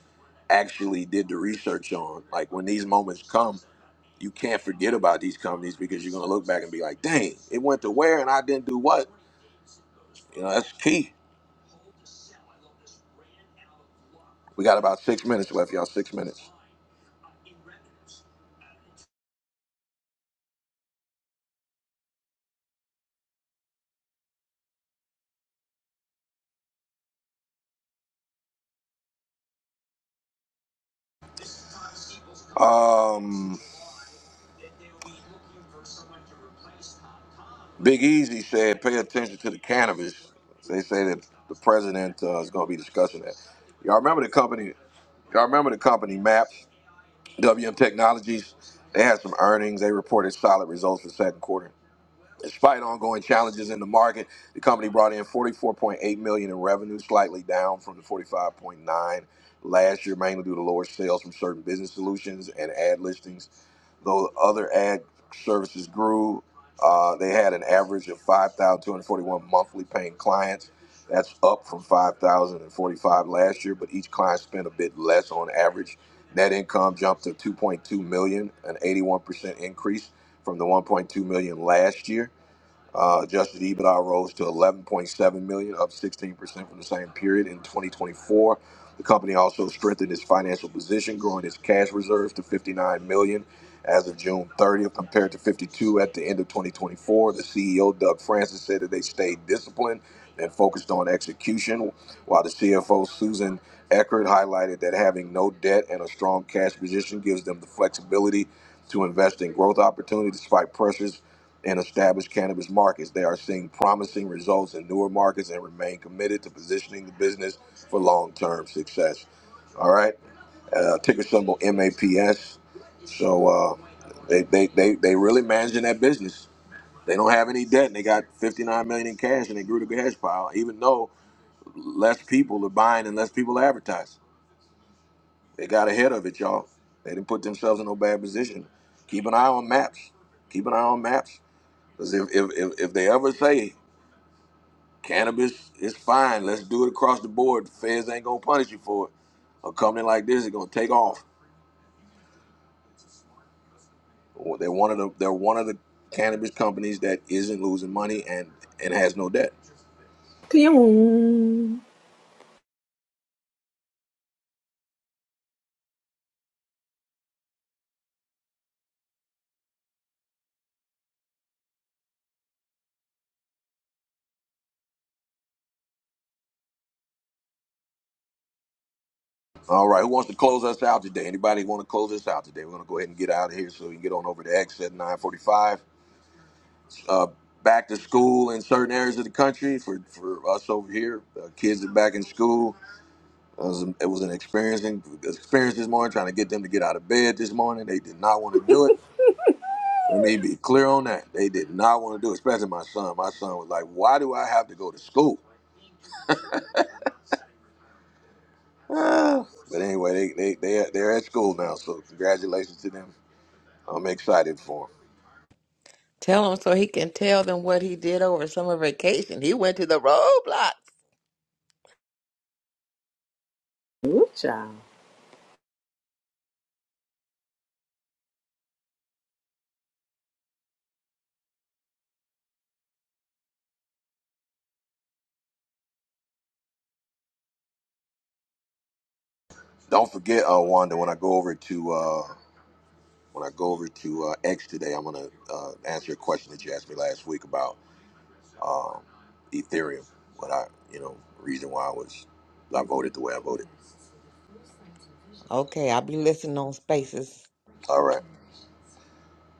A: actually did the research on. Like when these moments come, you can't forget about these companies because you're going to look back and be like, dang, it went to where and I didn't do what? You know, that's key. We got about six minutes left, y'all. Six minutes. Um, Big Easy said, pay attention to the cannabis. They say that the president uh, is going to be discussing that. Y'all remember the company? Y'all remember the company MAP, WM Technologies? They had some earnings. They reported solid results for the second quarter. Despite ongoing challenges in the market, the company brought in 44.8 million in revenue, slightly down from the 45.9 last year, mainly due to lower sales from certain business solutions and ad listings. Though other ad services grew, uh, they had an average of 5,241 monthly paying clients. That's up from 5,045 last year, but each client spent a bit less on average. Net income jumped to 2.2 million, an 81% increase from the 1.2 million last year. Uh, adjusted EBITDA rose to 11.7 million, dollars, up 16% from the same period in 2024. The company also strengthened its financial position, growing its cash reserves to 59 million dollars as of June 30th, compared to 52 at the end of 2024. The CEO Doug Francis said that they stayed disciplined and focused on execution, while the CFO Susan Eckert highlighted that having no debt and a strong cash position gives them the flexibility to invest in growth opportunities despite pressures and established cannabis markets. They are seeing promising results in newer markets and remain committed to positioning the business for long term success. All right, uh, ticker symbol MAPS. So uh, they, they, they, they really managing that business. They don't have any debt and they got 59 million in cash and they grew the cash pile, even though less people are buying and less people advertise. They got ahead of it, y'all. They didn't put themselves in no bad position. Keep an eye on maps. Keep an eye on maps because if, if, if, if they ever say cannabis is fine, let's do it across the board, the feds ain't gonna punish you for it. A company like this is gonna take off. Well, They're one of the they're one of the cannabis companies that isn't losing money and and has no debt.
C: *laughs* Pew,
A: All right, who wants to close us out today? Anybody want to close us out today? We're gonna go ahead and get out of here so you can get on over to X at 9:45. Uh, back to school in certain areas of the country for for us over here. Uh, kids are back in school. It was, it was an experiencing experience this morning, trying to get them to get out of bed this morning. They did not want to do it. Let me be clear on that. They did not want to do it, especially my son. My son was like, "Why do I have to go to school?" Ah. But anyway, they they they they're at school now, so congratulations to them. I'm excited for them.
D: Tell him so he can tell them what he did over summer vacation. He went to the roadblocks.
C: woocha.
A: Don't forget, uh, Wanda, when I go over to uh, when I go over to uh, X today, I'm gonna uh, answer a question that you asked me last week about um, Ethereum. What I, you know, reason why I was I voted the way I voted.
D: Okay, I'll be listening on Spaces.
A: All right.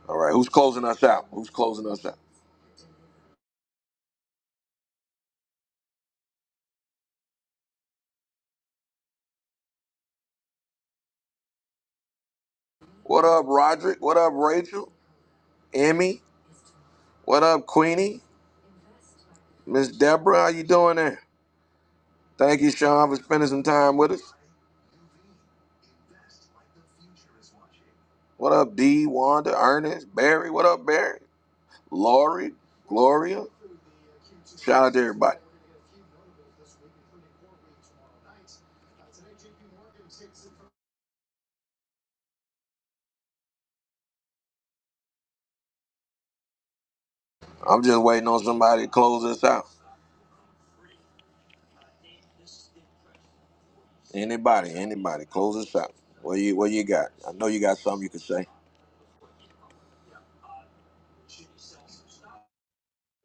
A: All right. Who's closing us out? Who's closing us out? What up, Roderick? What up, Rachel? Emmy? What up, Queenie? Miss Deborah, how you doing there? Thank you, Sean, for spending some time with us. What up, D? Wanda, Ernest, Barry? What up, Barry? Lori, Gloria? Shout out to everybody. I'm just waiting on somebody to close us out. Anybody, anybody, close us out. What you what you got? I know you got something you can say.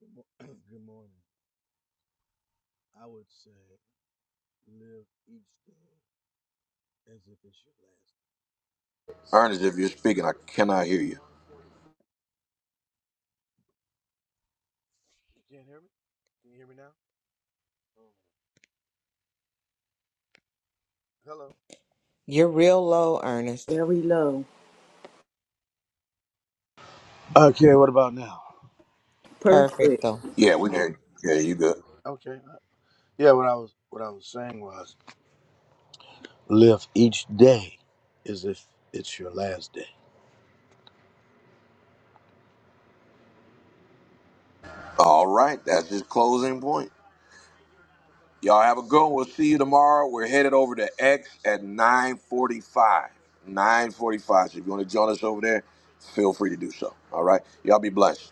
G: *clears throat* Good morning. I would say live each day as if it's your last.
A: Ernest, if you're speaking, I cannot hear you.
G: You can't hear me? Can you hear me now? Oh. Hello.
D: You're real low, Ernest.
C: Very low.
G: Okay, what about now?
C: Perfect.
D: Perfect though.
A: Yeah, we can hear you. Yeah, you good.
G: Okay. Yeah, what I was what I was saying was live each day as if it's your last day.
A: All right, that's his closing point. Y'all have a good one. We'll see you tomorrow. We're headed over to X at 945. 945. So if you want to join us over there, feel free to do so. All right. Y'all be blessed.